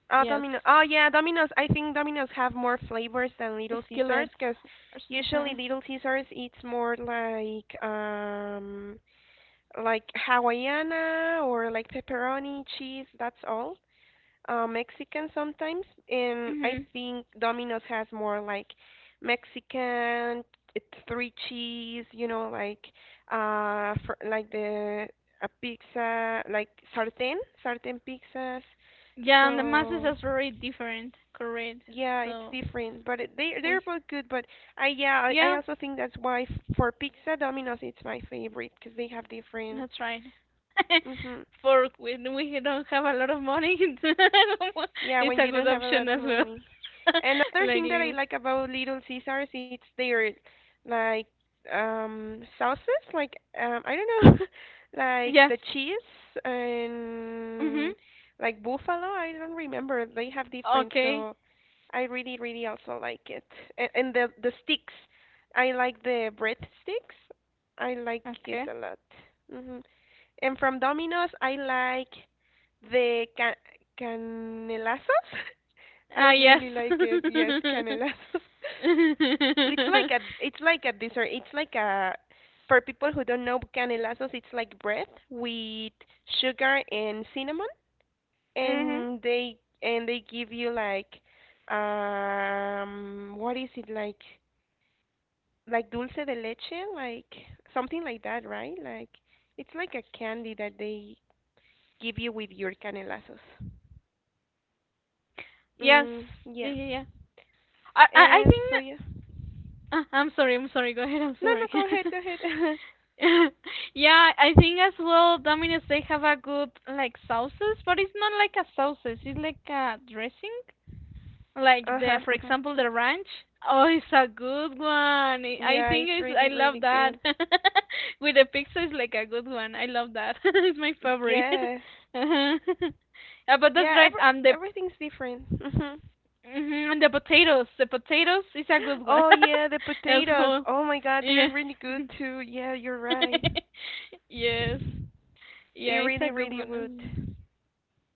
Speaker 1: Uh,
Speaker 2: Yes.
Speaker 1: Domino's. Oh yeah, Domino's. I think Domino's have more flavors than Little Caesars
Speaker 2: Skillet
Speaker 1: because usually
Speaker 2: or—
Speaker 1: Little Caesars it's more like um like Hawaiiana or like pepperoni cheese. That's all. uh, Mexican sometimes, and I
Speaker 2: hmm.
Speaker 1: think Domino's has more like Mexican it's three cheese, you know, like uh, for, like the a pizza, like sartén, sartén pizzas.
Speaker 2: Yeah, and the masses
Speaker 1: So
Speaker 2: are very different, correct?
Speaker 1: yeah, it's
Speaker 2: So,
Speaker 1: different, but it, they they're
Speaker 2: we,
Speaker 1: both good. But I yeah, I, I
Speaker 2: yeah,
Speaker 1: also think that's why f- for pizza, Domino's it's my favorite because they have different.
Speaker 2: that's right.
Speaker 1: Hmm.
Speaker 2: For when we don't have a lot of money,
Speaker 1: Yeah,
Speaker 2: it's
Speaker 1: when
Speaker 2: a
Speaker 1: you
Speaker 2: good
Speaker 1: don't have a lot
Speaker 2: option
Speaker 1: of
Speaker 2: as well.
Speaker 1: money. Another
Speaker 2: Like
Speaker 1: thing that I
Speaker 2: little,
Speaker 1: like about Little Caesars it's their like um sauces, like um I don't know, like
Speaker 2: yes.
Speaker 1: the cheese
Speaker 2: Mhm.
Speaker 1: and like buffalo. I don't remember. They have different,
Speaker 2: Okay.
Speaker 1: so I really really also like it. And, and the the sticks, I like the bread sticks. I like it
Speaker 2: Okay.
Speaker 1: a lot. Hmm. And from Domino's, I like the ca canelazos? I
Speaker 2: Ah, yes.
Speaker 1: really like it. Yes,
Speaker 2: Mhm.
Speaker 1: canelazos. It's like a it's like a dessert. It's like a For people who don't know canelazos, it's like bread with sugar and cinnamon, and they and they give you like um what is it like like dulce de leche, like something like that, right? Like it's like a candy that they give you with your canelazos.
Speaker 2: Yes.
Speaker 1: Mm,
Speaker 2: Yeah,
Speaker 1: yeah.
Speaker 2: yeah, yeah. I, I, I
Speaker 1: And so
Speaker 2: think—
Speaker 1: yeah.
Speaker 2: Uh, I'm sorry, I'm sorry. Go ahead, I'm
Speaker 1: No, no,
Speaker 2: sorry.
Speaker 1: go ahead, go ahead.
Speaker 2: Yeah, I think as well Domino's they have a good like sauces, but it's not like a sausage, it's like a dressing. Like, the
Speaker 1: Uh-huh.
Speaker 2: for
Speaker 1: Uh huh.
Speaker 2: example, the ranch. Oh, it's a good one. I I
Speaker 1: Yeah,
Speaker 2: think
Speaker 1: it's
Speaker 2: it's— I
Speaker 1: really,
Speaker 2: love
Speaker 1: really
Speaker 2: that.
Speaker 1: good.
Speaker 2: With the pizza, it's like a good one. I love that. It's my favorite.
Speaker 1: Yes.
Speaker 2: Uh-huh. Yeah, but that's
Speaker 1: Yeah,
Speaker 2: right.
Speaker 1: every
Speaker 2: And the—
Speaker 1: everything's different. Hmm.
Speaker 2: mhm, and the potatoes, the potatoes is a good one
Speaker 1: Oh yeah, the
Speaker 2: as
Speaker 1: potatoes.
Speaker 2: well.
Speaker 1: Oh my God, they're
Speaker 2: Yeah.
Speaker 1: really good too. Yeah, you're right.
Speaker 2: Yes.
Speaker 1: They
Speaker 2: Yeah, it's a
Speaker 1: really,
Speaker 2: good
Speaker 1: really
Speaker 2: one.
Speaker 1: good.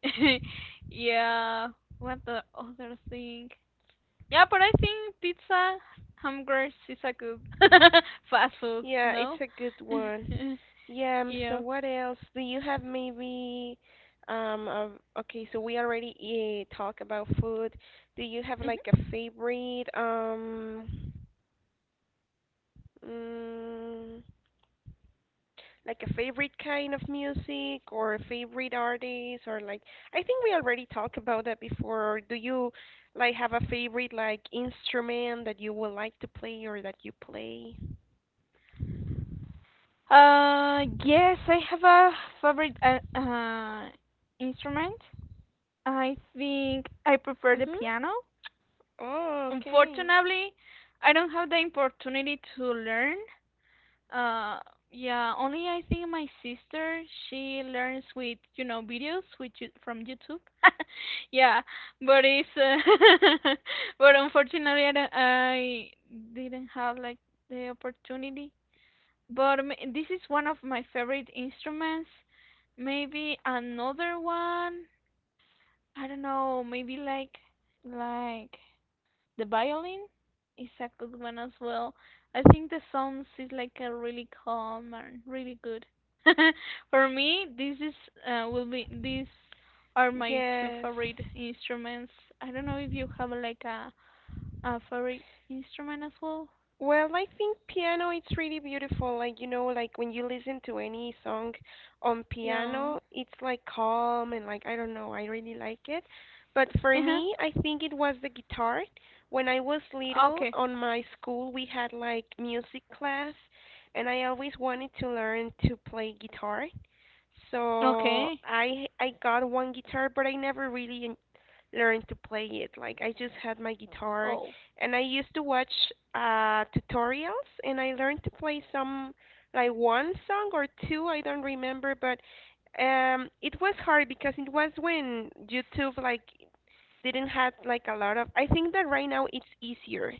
Speaker 2: Yeah. What the other thing? Yeah, but I think pizza, hamburgers is a good fast food,
Speaker 1: Yeah, it's
Speaker 2: no?
Speaker 1: a good one. Yeah. um, So
Speaker 2: Yeah.
Speaker 1: what else? Do you have maybe? Um. Uh, okay. So we already uh, talk about food. Do you have
Speaker 2: Mhm.
Speaker 1: like a favorite? Um. Mm, like a favorite kind of music or a favorite artist or like I think we already talked about that before. Do you like have a favorite like instrument that you would like to play or that you play?
Speaker 2: Uh, yes, I have a favorite uh, uh instrument. I think I prefer the
Speaker 1: Mhm.
Speaker 2: piano.
Speaker 1: Oh, okay.
Speaker 2: Unfortunately, I don't have the opportunity to learn. Uh, yeah, only I think my sister, she learns with, you know, videos with you- from YouTube. Yeah, but it's, uh, but unfortunately, I, don't- I didn't have like the opportunity. But, m- this is one of my favorite instruments. Maybe another one. I don't know, maybe like, like the violin is a good one as well. I think the sounds is like a really calm and really good. For me, this is— uh, will be these are my two
Speaker 1: Yes.
Speaker 2: favorite instruments. I don't know if you have like a, a favorite instrument as well.
Speaker 1: Well, I think piano it's really beautiful. Like you know, like when you listen to any song on
Speaker 2: Yeah.
Speaker 1: piano, it's like calm and like I don't know, I really like it. But for
Speaker 2: Uh-huh.
Speaker 1: me, I think it was the guitar. When I was little,
Speaker 2: Okay.
Speaker 1: on my school we had like music class, and I always wanted to learn to play guitar. So
Speaker 2: Okay.
Speaker 1: I I got one guitar, but I never really learned to play it. Like I just had my Mhm. guitar
Speaker 2: Oh,
Speaker 1: and I used to watch uh, tutorials, and I learned to play some like one song or two. I don't remember, but um, it was hard because it was when YouTube like didn't have like a lot of. I think that right now it's easier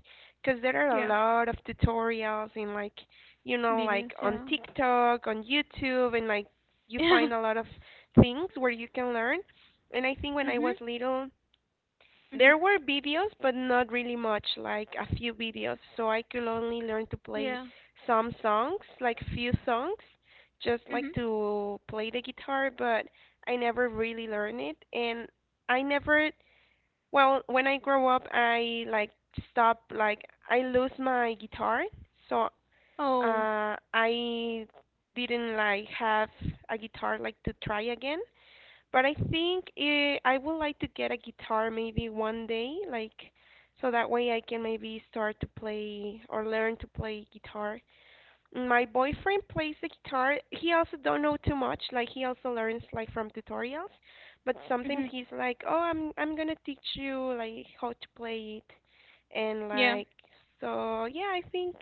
Speaker 1: because there are a
Speaker 2: yeah.
Speaker 1: lot of tutorials in like you know like
Speaker 2: Videos,
Speaker 1: on
Speaker 2: yeah.
Speaker 1: TikTok, on YouTube, and like you
Speaker 2: Yeah.
Speaker 1: find a lot of things where you can learn. And I think when I was
Speaker 2: Mhm.
Speaker 1: little
Speaker 2: Mhm.
Speaker 1: there were videos, but not really much, like a few videos. So I could only learn to play
Speaker 2: Yeah.
Speaker 1: some songs, like few songs, just like
Speaker 2: Mhm.
Speaker 1: to play the guitar, but I never really learned it. And I never, well, when I grow up, I like stop, like I lose my guitar. So
Speaker 2: Oh.
Speaker 1: uh, I didn't like have a guitar like to try again. But I think eh, I would like to get a guitar maybe one day, like so that way I can maybe start to play or learn to play guitar. My boyfriend plays the guitar. He also don't know too much. Like he also learns like from tutorials, but sometimes
Speaker 2: Mhm.
Speaker 1: he's like, "Oh, I'm I'm gonna teach you like how to play it," and
Speaker 2: Yeah.
Speaker 1: like so yeah, I think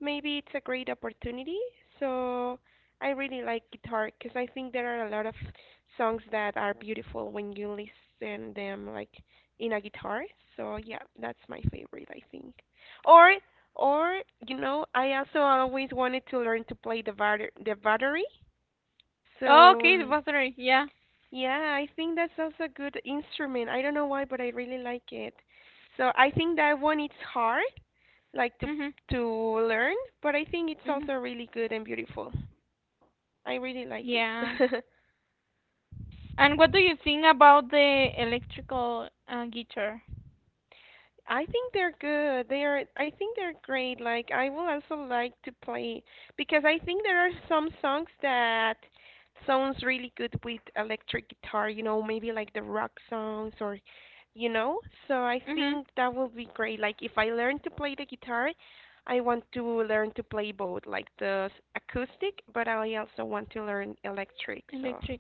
Speaker 1: maybe it's a great opportunity. So I really like guitar because I think there are a lot of songs that are beautiful when you listen them like in a guitar. So yeah, that's my favorite, I think. Or or, you know, I also always wanted to learn to play the batter the battery. So,
Speaker 2: Okay, the
Speaker 1: um,
Speaker 2: battery. Yeah.
Speaker 1: yeah, I think that's also a good instrument. I don't know why, but I really like it. So I think that one it's hard, like to
Speaker 2: Mhm.
Speaker 1: to learn, but I think it's
Speaker 2: Mhm.
Speaker 1: also really good and beautiful. I really like it.
Speaker 2: Yeah. And what do you think about the electrical uh, guitar?
Speaker 1: I think they're good. They are, I think they're great. Like, I will also like to play because I think there are some songs that sounds really good with electric guitar, you know, maybe like the rock songs or, you know. So I
Speaker 2: Mhm.
Speaker 1: think that will be great. Like, if I learn to play the guitar, I want to learn to play both, like the s- acoustic, but I also want to learn electric. So,
Speaker 2: Electric.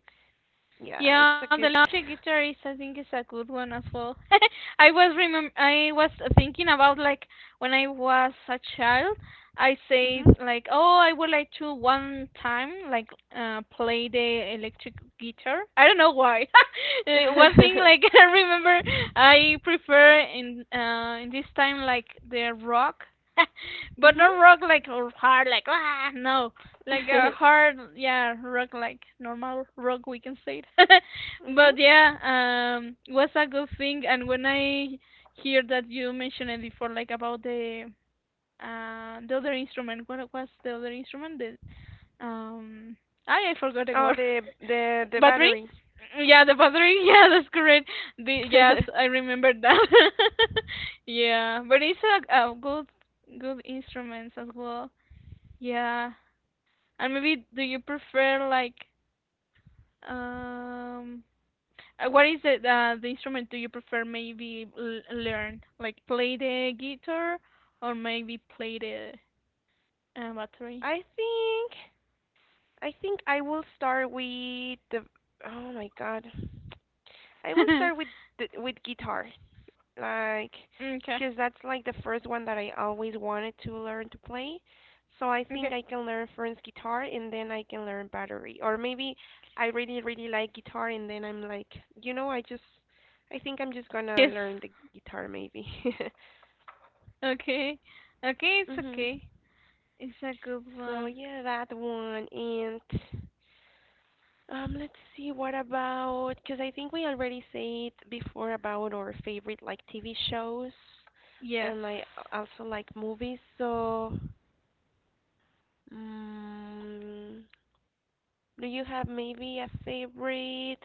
Speaker 1: yeah,
Speaker 2: Yeah,
Speaker 1: it's
Speaker 2: the
Speaker 1: a good.
Speaker 2: electric guitar is I think is a good one as well. I was remem I was thinking about like when I was a child, I
Speaker 1: Mhm.
Speaker 2: said like, "Oh, I would like to one time like uh play the electric guitar." I don't know why. Uh, One thing like I remember I prefer in uh in this time like the rock. But not rock like or hard like ah no, like a
Speaker 1: mhm.
Speaker 2: hard, yeah, rock like normal rock, we can say it.
Speaker 1: mhm.
Speaker 2: But yeah, um was a good thing. And when I hear that you mentioned it before like about the uh the other instrument, what was the other instrument, the um i, I forgot the
Speaker 1: Oh,
Speaker 2: word.
Speaker 1: the the the
Speaker 2: Battery,
Speaker 1: battery.
Speaker 2: yeah, the battery. Yeah, that's correct. The yes, I remember that. Yeah, but it's a, a good good instruments as well. Yeah. And maybe do you prefer like um uh, what is it uh, the instrument, do you prefer maybe l- learn like play the guitar or maybe play the uh, battery?
Speaker 1: I think I think I will start with the. Oh my God. I will start with the, with guitar, like,
Speaker 2: Okay.
Speaker 1: because that's like the first one that I always wanted to learn to play. So I think
Speaker 2: Okay.
Speaker 1: I can learn first guitar and then I can learn battery, or maybe I really really like guitar and then I'm like, you know, I just I think I'm just
Speaker 2: Yes.
Speaker 1: gonna learn the guitar maybe.
Speaker 2: Okay. Okay, it's
Speaker 1: Mhm.
Speaker 2: okay. It's a good
Speaker 1: So
Speaker 2: one.
Speaker 1: yeah, that one and. Um, let's see, what about, because I think we already said before about our favorite like T V shows,
Speaker 2: Yes.
Speaker 1: and I also like movies. So, mm, do you have maybe a favorite?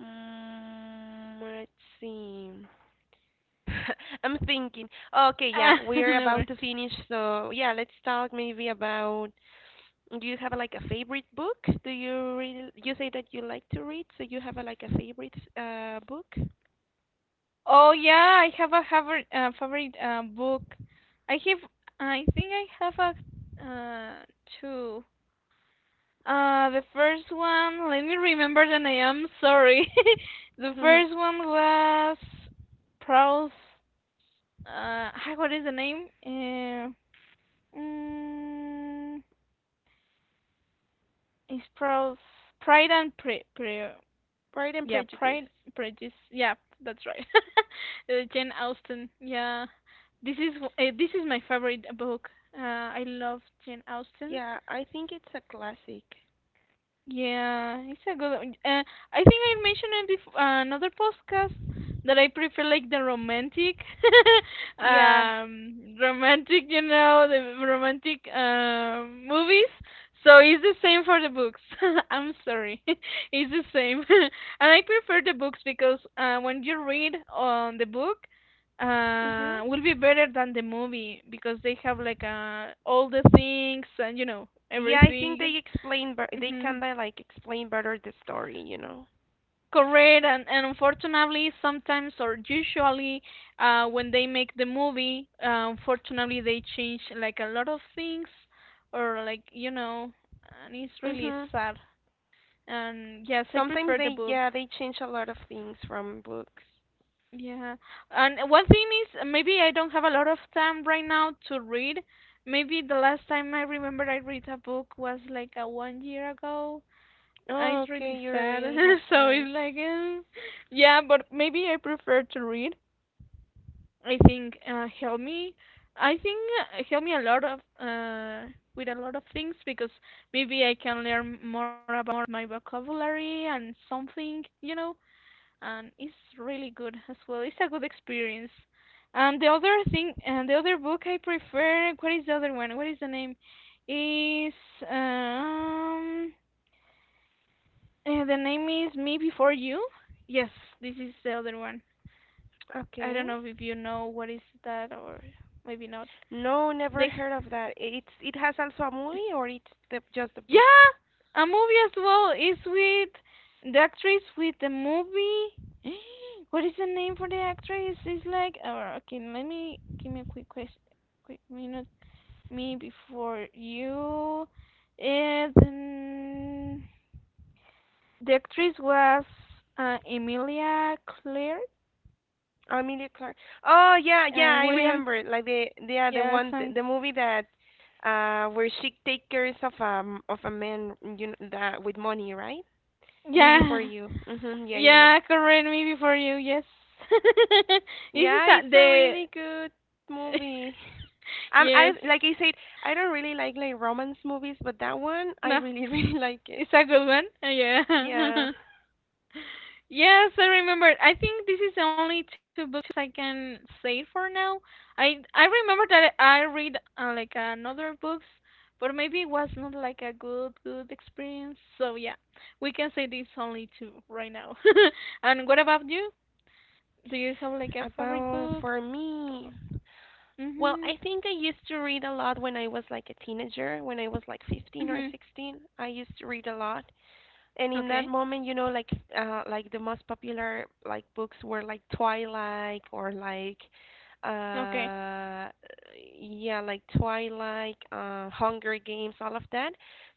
Speaker 1: Mm, let's see. I'm thinking. Okay, yeah,
Speaker 2: Ah,
Speaker 1: we're
Speaker 2: no
Speaker 1: about
Speaker 2: worry.
Speaker 1: to finish, so yeah, let's talk maybe about. Do you have like a favorite book? Do you read? You say that you like to read, so you have a, like a favorite uh book?
Speaker 2: Oh yeah, I have a favorite uh, favorite uh, book. I have I think I have a uh two. Uh, the first one, let me remember the name. Sorry. The
Speaker 1: Mhm.
Speaker 2: first one was Proust. Uh, ah, what is the name? Uh, mm, it's Prowse. Pride and Pre. Pre—
Speaker 1: Pride and
Speaker 2: yeah,
Speaker 1: Prejudice.
Speaker 2: Pride, Prejudice. Yeah, that's right. Uh, Jane Austen. Yeah, this is uh, this is my favorite book. Uh, I love Jane Austen.
Speaker 1: Yeah, I think it's a classic.
Speaker 2: Yeah, it's a good one. Uh, I think I mentioned in bef- uh, another podcast that I prefer like the romantic,
Speaker 1: Yeah.
Speaker 2: um, romantic, you know, the romantic um movies. So it's the same for the books. I'm sorry, it's the same. And I prefer the books because uh, when you read on the book,
Speaker 1: Mhm.
Speaker 2: uh, will be better than the movie because they have like uh all the things and you know
Speaker 1: Yeah, I think
Speaker 2: everything.
Speaker 1: they explain, but they
Speaker 2: Hmm.
Speaker 1: kinda like explain better the story, you know.
Speaker 2: Correct. And, and unfortunately, sometimes or usually, uh, when they make the movie, uh, unfortunately, they change like a lot of things, or like you know, and it's really
Speaker 1: Mhm.
Speaker 2: sad. And yes, I
Speaker 1: Sometimes
Speaker 2: prefer the
Speaker 1: they
Speaker 2: book.
Speaker 1: yeah, they change a lot of things from books.
Speaker 2: Yeah, and one thing is uh, maybe I don't have a lot of time right now to read. Maybe the last time I remember I read a book was like a one year ago. Uh,
Speaker 1: Oh,
Speaker 2: it's
Speaker 1: okay,
Speaker 2: really
Speaker 1: you
Speaker 2: sad.
Speaker 1: really have
Speaker 2: So
Speaker 1: time.
Speaker 2: it's like, eh. Yeah, but maybe I prefer to read. I think uh, helped me. I think uh, helped me a lot of uh, with a lot of things because maybe I can learn more about my vocabulary and something, you know. And it's really good as well. It's a good experience. And the other thing, and the other book I prefer. What is the other one? What is the name? Is um uh, the name is Me Before You? Yes, this is the other one. I don't
Speaker 1: Okay.
Speaker 2: know if you know what is that or maybe not.
Speaker 1: No, never
Speaker 2: The
Speaker 1: heard of that. It's it has also a movie or it's the, just a book?
Speaker 2: yeah, a movie as well is with the actress with the movie. What is the name for the actress? It's like uh, okay, let me give me a quick question, quick minute, me before you. And then the actress was uh, Emilia Clarke
Speaker 1: Amelia Clark. Oh, yeah, yeah,
Speaker 2: and
Speaker 1: I
Speaker 2: William.
Speaker 1: remember it. Like the the- yeah, the
Speaker 2: Yeah,
Speaker 1: one the,
Speaker 2: some
Speaker 1: the movie that uh where she take care of um of a man, you know, that with money, right? Me Before
Speaker 2: yeah.
Speaker 1: You. Mhm. Yeah, yeah, yeah.
Speaker 2: Yeah, correct, me before you. Yes. this is
Speaker 1: Yeah,
Speaker 2: a,
Speaker 1: it's a
Speaker 2: the
Speaker 1: really good movie. Um, I
Speaker 2: Yes.
Speaker 1: like I said, I don't really like like romance movies, but that one I
Speaker 2: No,
Speaker 1: really really like it.
Speaker 2: it's a good one. Uh,
Speaker 1: Yeah,
Speaker 2: Yeah. Yes, I remember. I think this is the only two books I can say for now. I I remember that I read uh, like another books, but maybe it was not like a good good experience. So yeah, we can say these only two right now. And what about you? Do you have like a favorite
Speaker 1: about
Speaker 2: book?
Speaker 1: for me. Well,
Speaker 2: Mhm.
Speaker 1: I think I used to read a lot when I was like a teenager, when I was like fifteen or
Speaker 2: Mhm.
Speaker 1: sixteen. I used to read a lot, and in that
Speaker 2: Okay.
Speaker 1: moment, you know, like uh like the most popular like books were like Twilight, or like
Speaker 2: Okay.
Speaker 1: uh yeah, like Twilight, uh Hunger Games, all of that.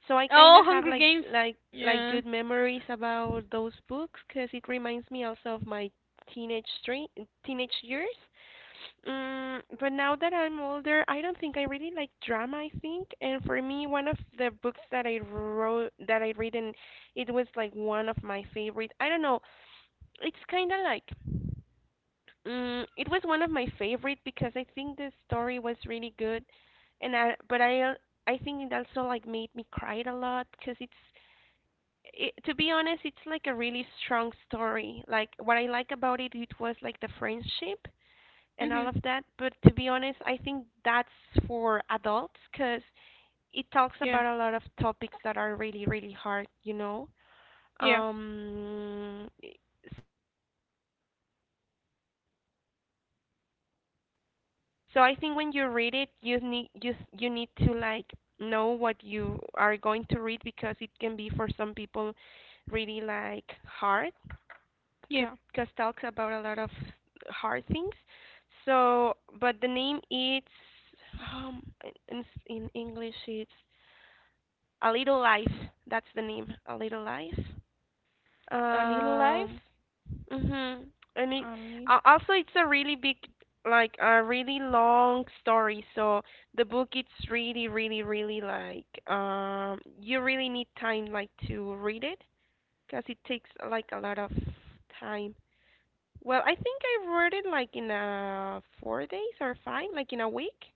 Speaker 1: So I kind
Speaker 2: Oh,
Speaker 1: of have
Speaker 2: Hunger
Speaker 1: like
Speaker 2: Games.
Speaker 1: like like
Speaker 2: Yeah.
Speaker 1: good memories about those books because it reminds me also of my teenage stre- teenage years. Mm, but now that I'm older, I don't think I really like drama, I think. And for me, one of the books that I wrote, that I read in, it was like one of my favorite. I don't know. It's kind of like, mm, it was one of my favorite because I think the story was really good, and I but I uh, I think it also like made me cry a lot because it's it, to be honest, it's like a really strong story. Like what I like about it it was like the friendship and all
Speaker 2: Mhm.
Speaker 1: of that. But to be honest, I think that's for adults because it talks
Speaker 2: Yeah.
Speaker 1: about a lot of topics that are really really hard, you know.
Speaker 2: Yeah.
Speaker 1: Um So I think when you read it, you need you s- you need to like know what you are going to read because it can be for some people really like hard
Speaker 2: Yeah,
Speaker 1: because talks about a lot of hard things. So, but the name it's, um in in s- in English it's A Little Life. That's the name, A Little Life.
Speaker 2: A Little Life.
Speaker 1: Um, Mhm. And it,
Speaker 2: I mean,
Speaker 1: uh, also it's a really big, like a really long story. So the book it's really really really like, um, you really need time like to read it because it takes like a lot of time. Well, I think I read it like in uh four days or five, like in a week.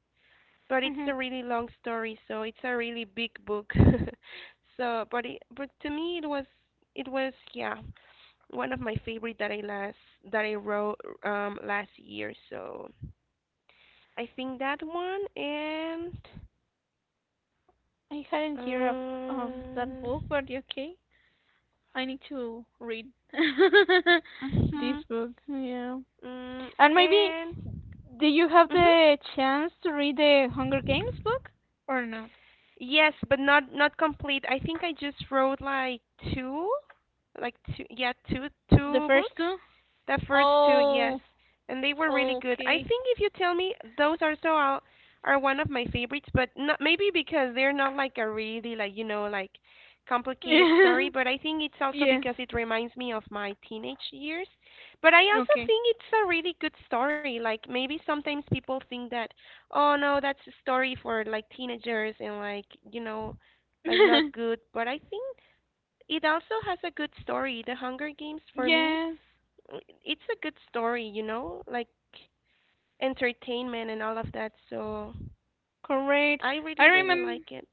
Speaker 1: But it's
Speaker 2: hmm,
Speaker 1: a really long story, so it's a really big book. So, but it, but to me it was, it was, yeah, one of my favorite that I last, that I wrote um last year. So I think that one and
Speaker 2: I hadn't heard of of that book,
Speaker 1: um.
Speaker 2: but yeah, okay, I need to read
Speaker 1: Mm-hmm.
Speaker 2: this book. Yeah,
Speaker 1: Mm,
Speaker 2: and maybe
Speaker 1: and
Speaker 2: do you have
Speaker 1: mhm.
Speaker 2: the chance to read the Hunger Games book or not?
Speaker 1: Yes, but not not complete. I think I just wrote like two, like two, yeah, two
Speaker 2: The
Speaker 1: two
Speaker 2: first
Speaker 1: books.
Speaker 2: two?
Speaker 1: The first two, yes,
Speaker 2: Oh,
Speaker 1: and they were really good. I
Speaker 2: okay.
Speaker 1: think if you tell me, those are so are, are one of my favorites, but not maybe because they're not like a really like, you know, like complicated story, but I think it's also
Speaker 2: Yes.
Speaker 1: because it reminds me of my teenage years. But I also
Speaker 2: Okay.
Speaker 1: think it's a really good story. Like maybe sometimes people think that, oh no, that's a story for like teenagers and like, you know, like not good. But I think it also has a good story. The Hunger Games, for me,
Speaker 2: Yes.
Speaker 1: i- it's a good story, you know, like entertainment and all of that. So
Speaker 2: Correct.
Speaker 1: I
Speaker 2: I
Speaker 1: really, really
Speaker 2: remember.
Speaker 1: like it.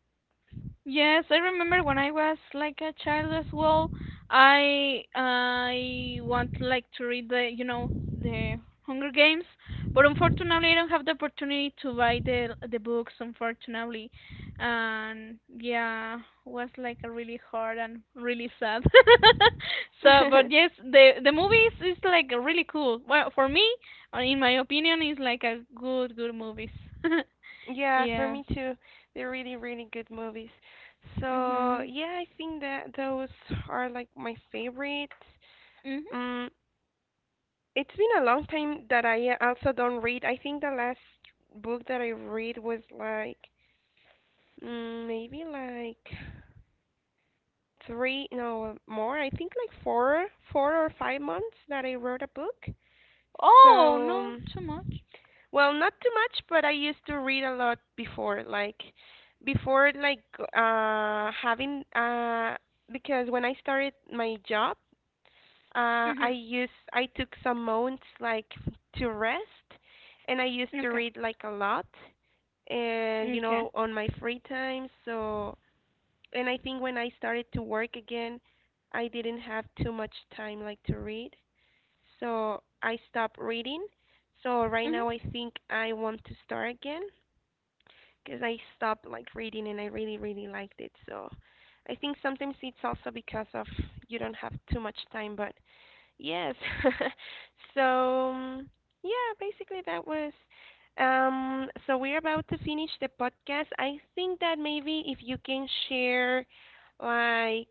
Speaker 2: Yes, I remember when I was like a child as well. I I want like to read the you know the Hunger Games, but unfortunately I don't have the opportunity to buy the the books. Unfortunately, and yeah, was like a really hard and really sad. So, but yes, the the movies is like really cool. Well, for me, uh, in my opinion, is like a good good movies.
Speaker 1: Yeah, for
Speaker 2: Yes.
Speaker 1: me too. They're really, really good movies. So
Speaker 2: Mhm.
Speaker 1: yeah, I think that those are like my favorite.
Speaker 2: Mhm.
Speaker 1: Mm, it's been a long time that I, uh, also don't read. I think the last book that I read was like, mm, maybe like three, no, more. I think like four, four or five months that I wrote a book.
Speaker 2: Oh,
Speaker 1: So,
Speaker 2: not too
Speaker 1: um,
Speaker 2: much.
Speaker 1: well, not too much, but I used to read a lot before, like before like uh having uh because when I started my job, Uh, I
Speaker 2: Mhm.
Speaker 1: used I took some months like to rest, and I used to
Speaker 2: Okay.
Speaker 1: read like a lot, and you
Speaker 2: Okay.
Speaker 1: know, on my free time. So, and I think when I started to work again, I didn't have too much time like to read, so I stopped reading. So right
Speaker 2: Mhm.
Speaker 1: now I think I want to start again because I stopped like reading and I really really liked it. So I think sometimes it's also because of you don't have too much time, but yes. So, um, yeah, basically that was. Um, so we're about to finish the podcast. I think that maybe if you can share, like,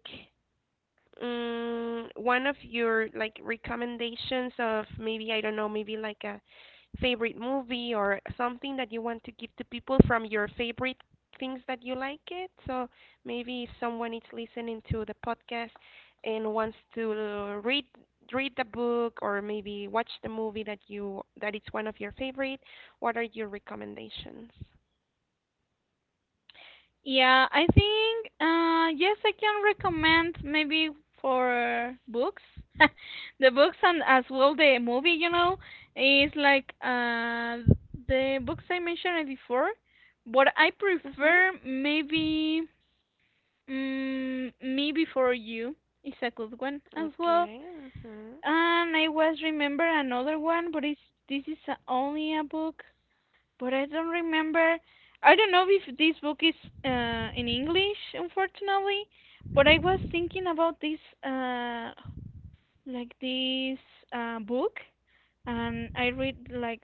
Speaker 1: mm, one of your like recommendations of maybe, I don't know, maybe like a favorite movie or something that you want to give to people from your favorite things that you like it. So maybe if someone is listening to the podcast and wants to read read the book or maybe watch the movie that you that it's one of your favorite, what are your recommendations?
Speaker 2: Yeah, I think uh yes, I can recommend maybe for books. The books and as well the movie, you know, is like uh the books I mentioned before, but I
Speaker 1: Mhm.
Speaker 2: prefer maybe mm, Me Before You is a good one as well.
Speaker 1: Okay. Mhm.
Speaker 2: And I was remember another one, but it's this is a, only a book. But I don't remember. I don't know if this book is uh, in English, unfortunately. But I was thinking about this, uh, like this uh, book, and I read like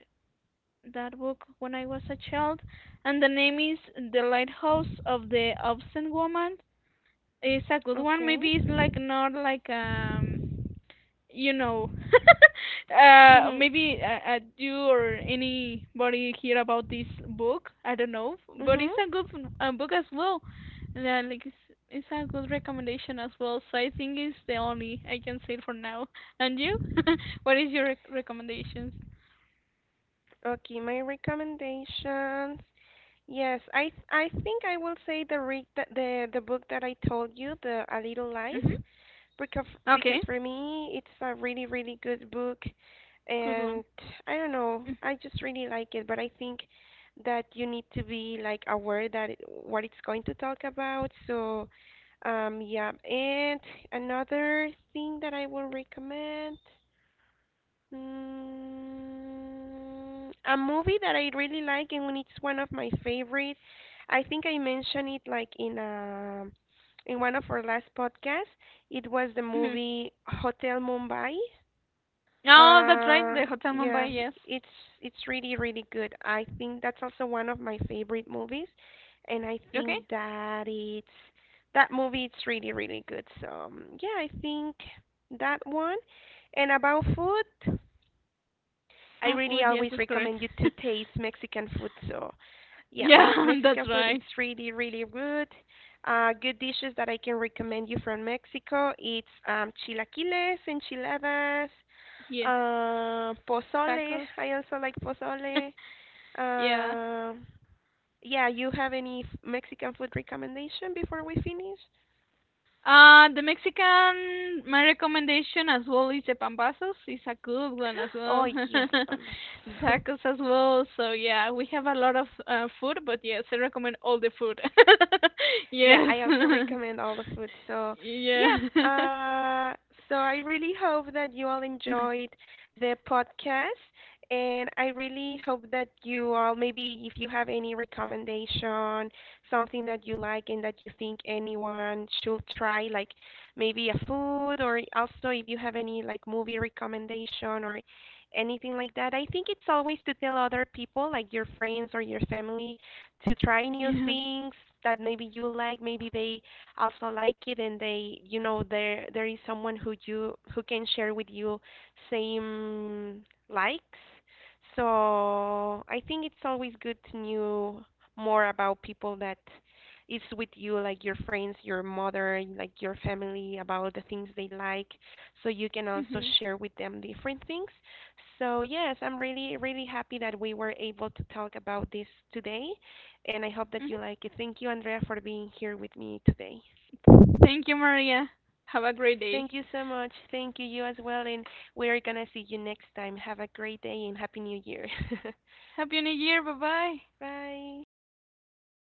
Speaker 2: that book when I was a child, and the name is The Lighthouse of the Obstinate Woman. It's a good one.
Speaker 1: Okay.
Speaker 2: Maybe it's like not like um you know uh maybe uh, uh, you or anybody hear about this book, I don't know, but
Speaker 1: Mhm.
Speaker 2: it's a good uh, book as well. Yeah, like it's, it's a good recommendation as well. So I think it's the only I can say for now. And you? What is your rec- recommendations?
Speaker 1: Okay, my recommendations. Yes, I th- I think I will say the re- the the the book that I told you, the A Little Life,
Speaker 2: Mhm.
Speaker 1: because because
Speaker 2: Okay,
Speaker 1: for me it's a really really good book,
Speaker 2: good
Speaker 1: and
Speaker 2: one.
Speaker 1: I don't know,
Speaker 2: Mhm.
Speaker 1: I just really like it. But I think that you need to be like aware that it, what it's going to talk about. So, um, yeah. And another thing that I will recommend. Mm, a movie that I really like and it's one of my favorite. I think I mentioned it like in a, in one of our last podcasts. It was the
Speaker 2: Mhm.
Speaker 1: movie Hotel Mumbai.
Speaker 2: Oh, that's right,
Speaker 1: Uh,
Speaker 2: the Hotel Mumbai.
Speaker 1: yeah,
Speaker 2: Yes.
Speaker 1: it's it's really really good. I think that's also one of my favorite movies, and I
Speaker 2: Okay.
Speaker 1: think that it's that movie. It's really really good. So, um, yeah, I think that one. And about food. I
Speaker 2: Ah,
Speaker 1: really
Speaker 2: food, yes,
Speaker 1: always
Speaker 2: that's correct.
Speaker 1: recommend you to taste Mexican food. So, yeah, me-
Speaker 2: Yeah. That's
Speaker 1: Mexican food
Speaker 2: right.
Speaker 1: it's really really good. Uh, good dishes that I can recommend you from Mexico. It's, um, chilaquiles, enchiladas,
Speaker 2: Yes.
Speaker 1: uh, pozole.
Speaker 2: Tacos.
Speaker 1: I also like pozole.
Speaker 2: Yeah.
Speaker 1: Uh, yeah, you have any f- Mexican food recommendation before we finish?
Speaker 2: Uh, the Mexican, my recommendation as well is the pambazos. It's a good one as
Speaker 1: Oh
Speaker 2: well.
Speaker 1: yes, Pampas.
Speaker 2: The tacos as well. So yeah, we have a lot of uh, food, but yes, I recommend all the food.
Speaker 1: Yeah,
Speaker 2: Yes.
Speaker 1: I also recommend all the food. So, yeah,
Speaker 2: Yeah.
Speaker 1: uh, so I really hope that you all enjoyed the podcast, and I really hope that you all, maybe if you have any recommendation, something that you like and that you think anyone should try, like maybe a food, or also if you have any like movie recommendation or anything like that. I think it's always to tell other people, like your friends or your family, to try new
Speaker 2: Yeah.
Speaker 1: things that maybe you like, maybe they also like it, and they, you know, there there is someone who you who can share with you same likes. So I think it's always good to know more about people that is with you, like your friends, your mother, like your family, about the things they like, so you can also
Speaker 2: Mhm.
Speaker 1: share with them different things. So yes, I'm really really happy that we were able to talk about this today, and I hope that
Speaker 2: Mhm.
Speaker 1: you like it. Thank you, Andrea, for being here with me today.
Speaker 2: Thank you, Maria. Have a great day.
Speaker 1: Thank you so much. Thank you, you as well, and we're gonna see you next time. Have a great day and Happy New Year.
Speaker 2: Happy New Year. Bye bye.
Speaker 1: Bye.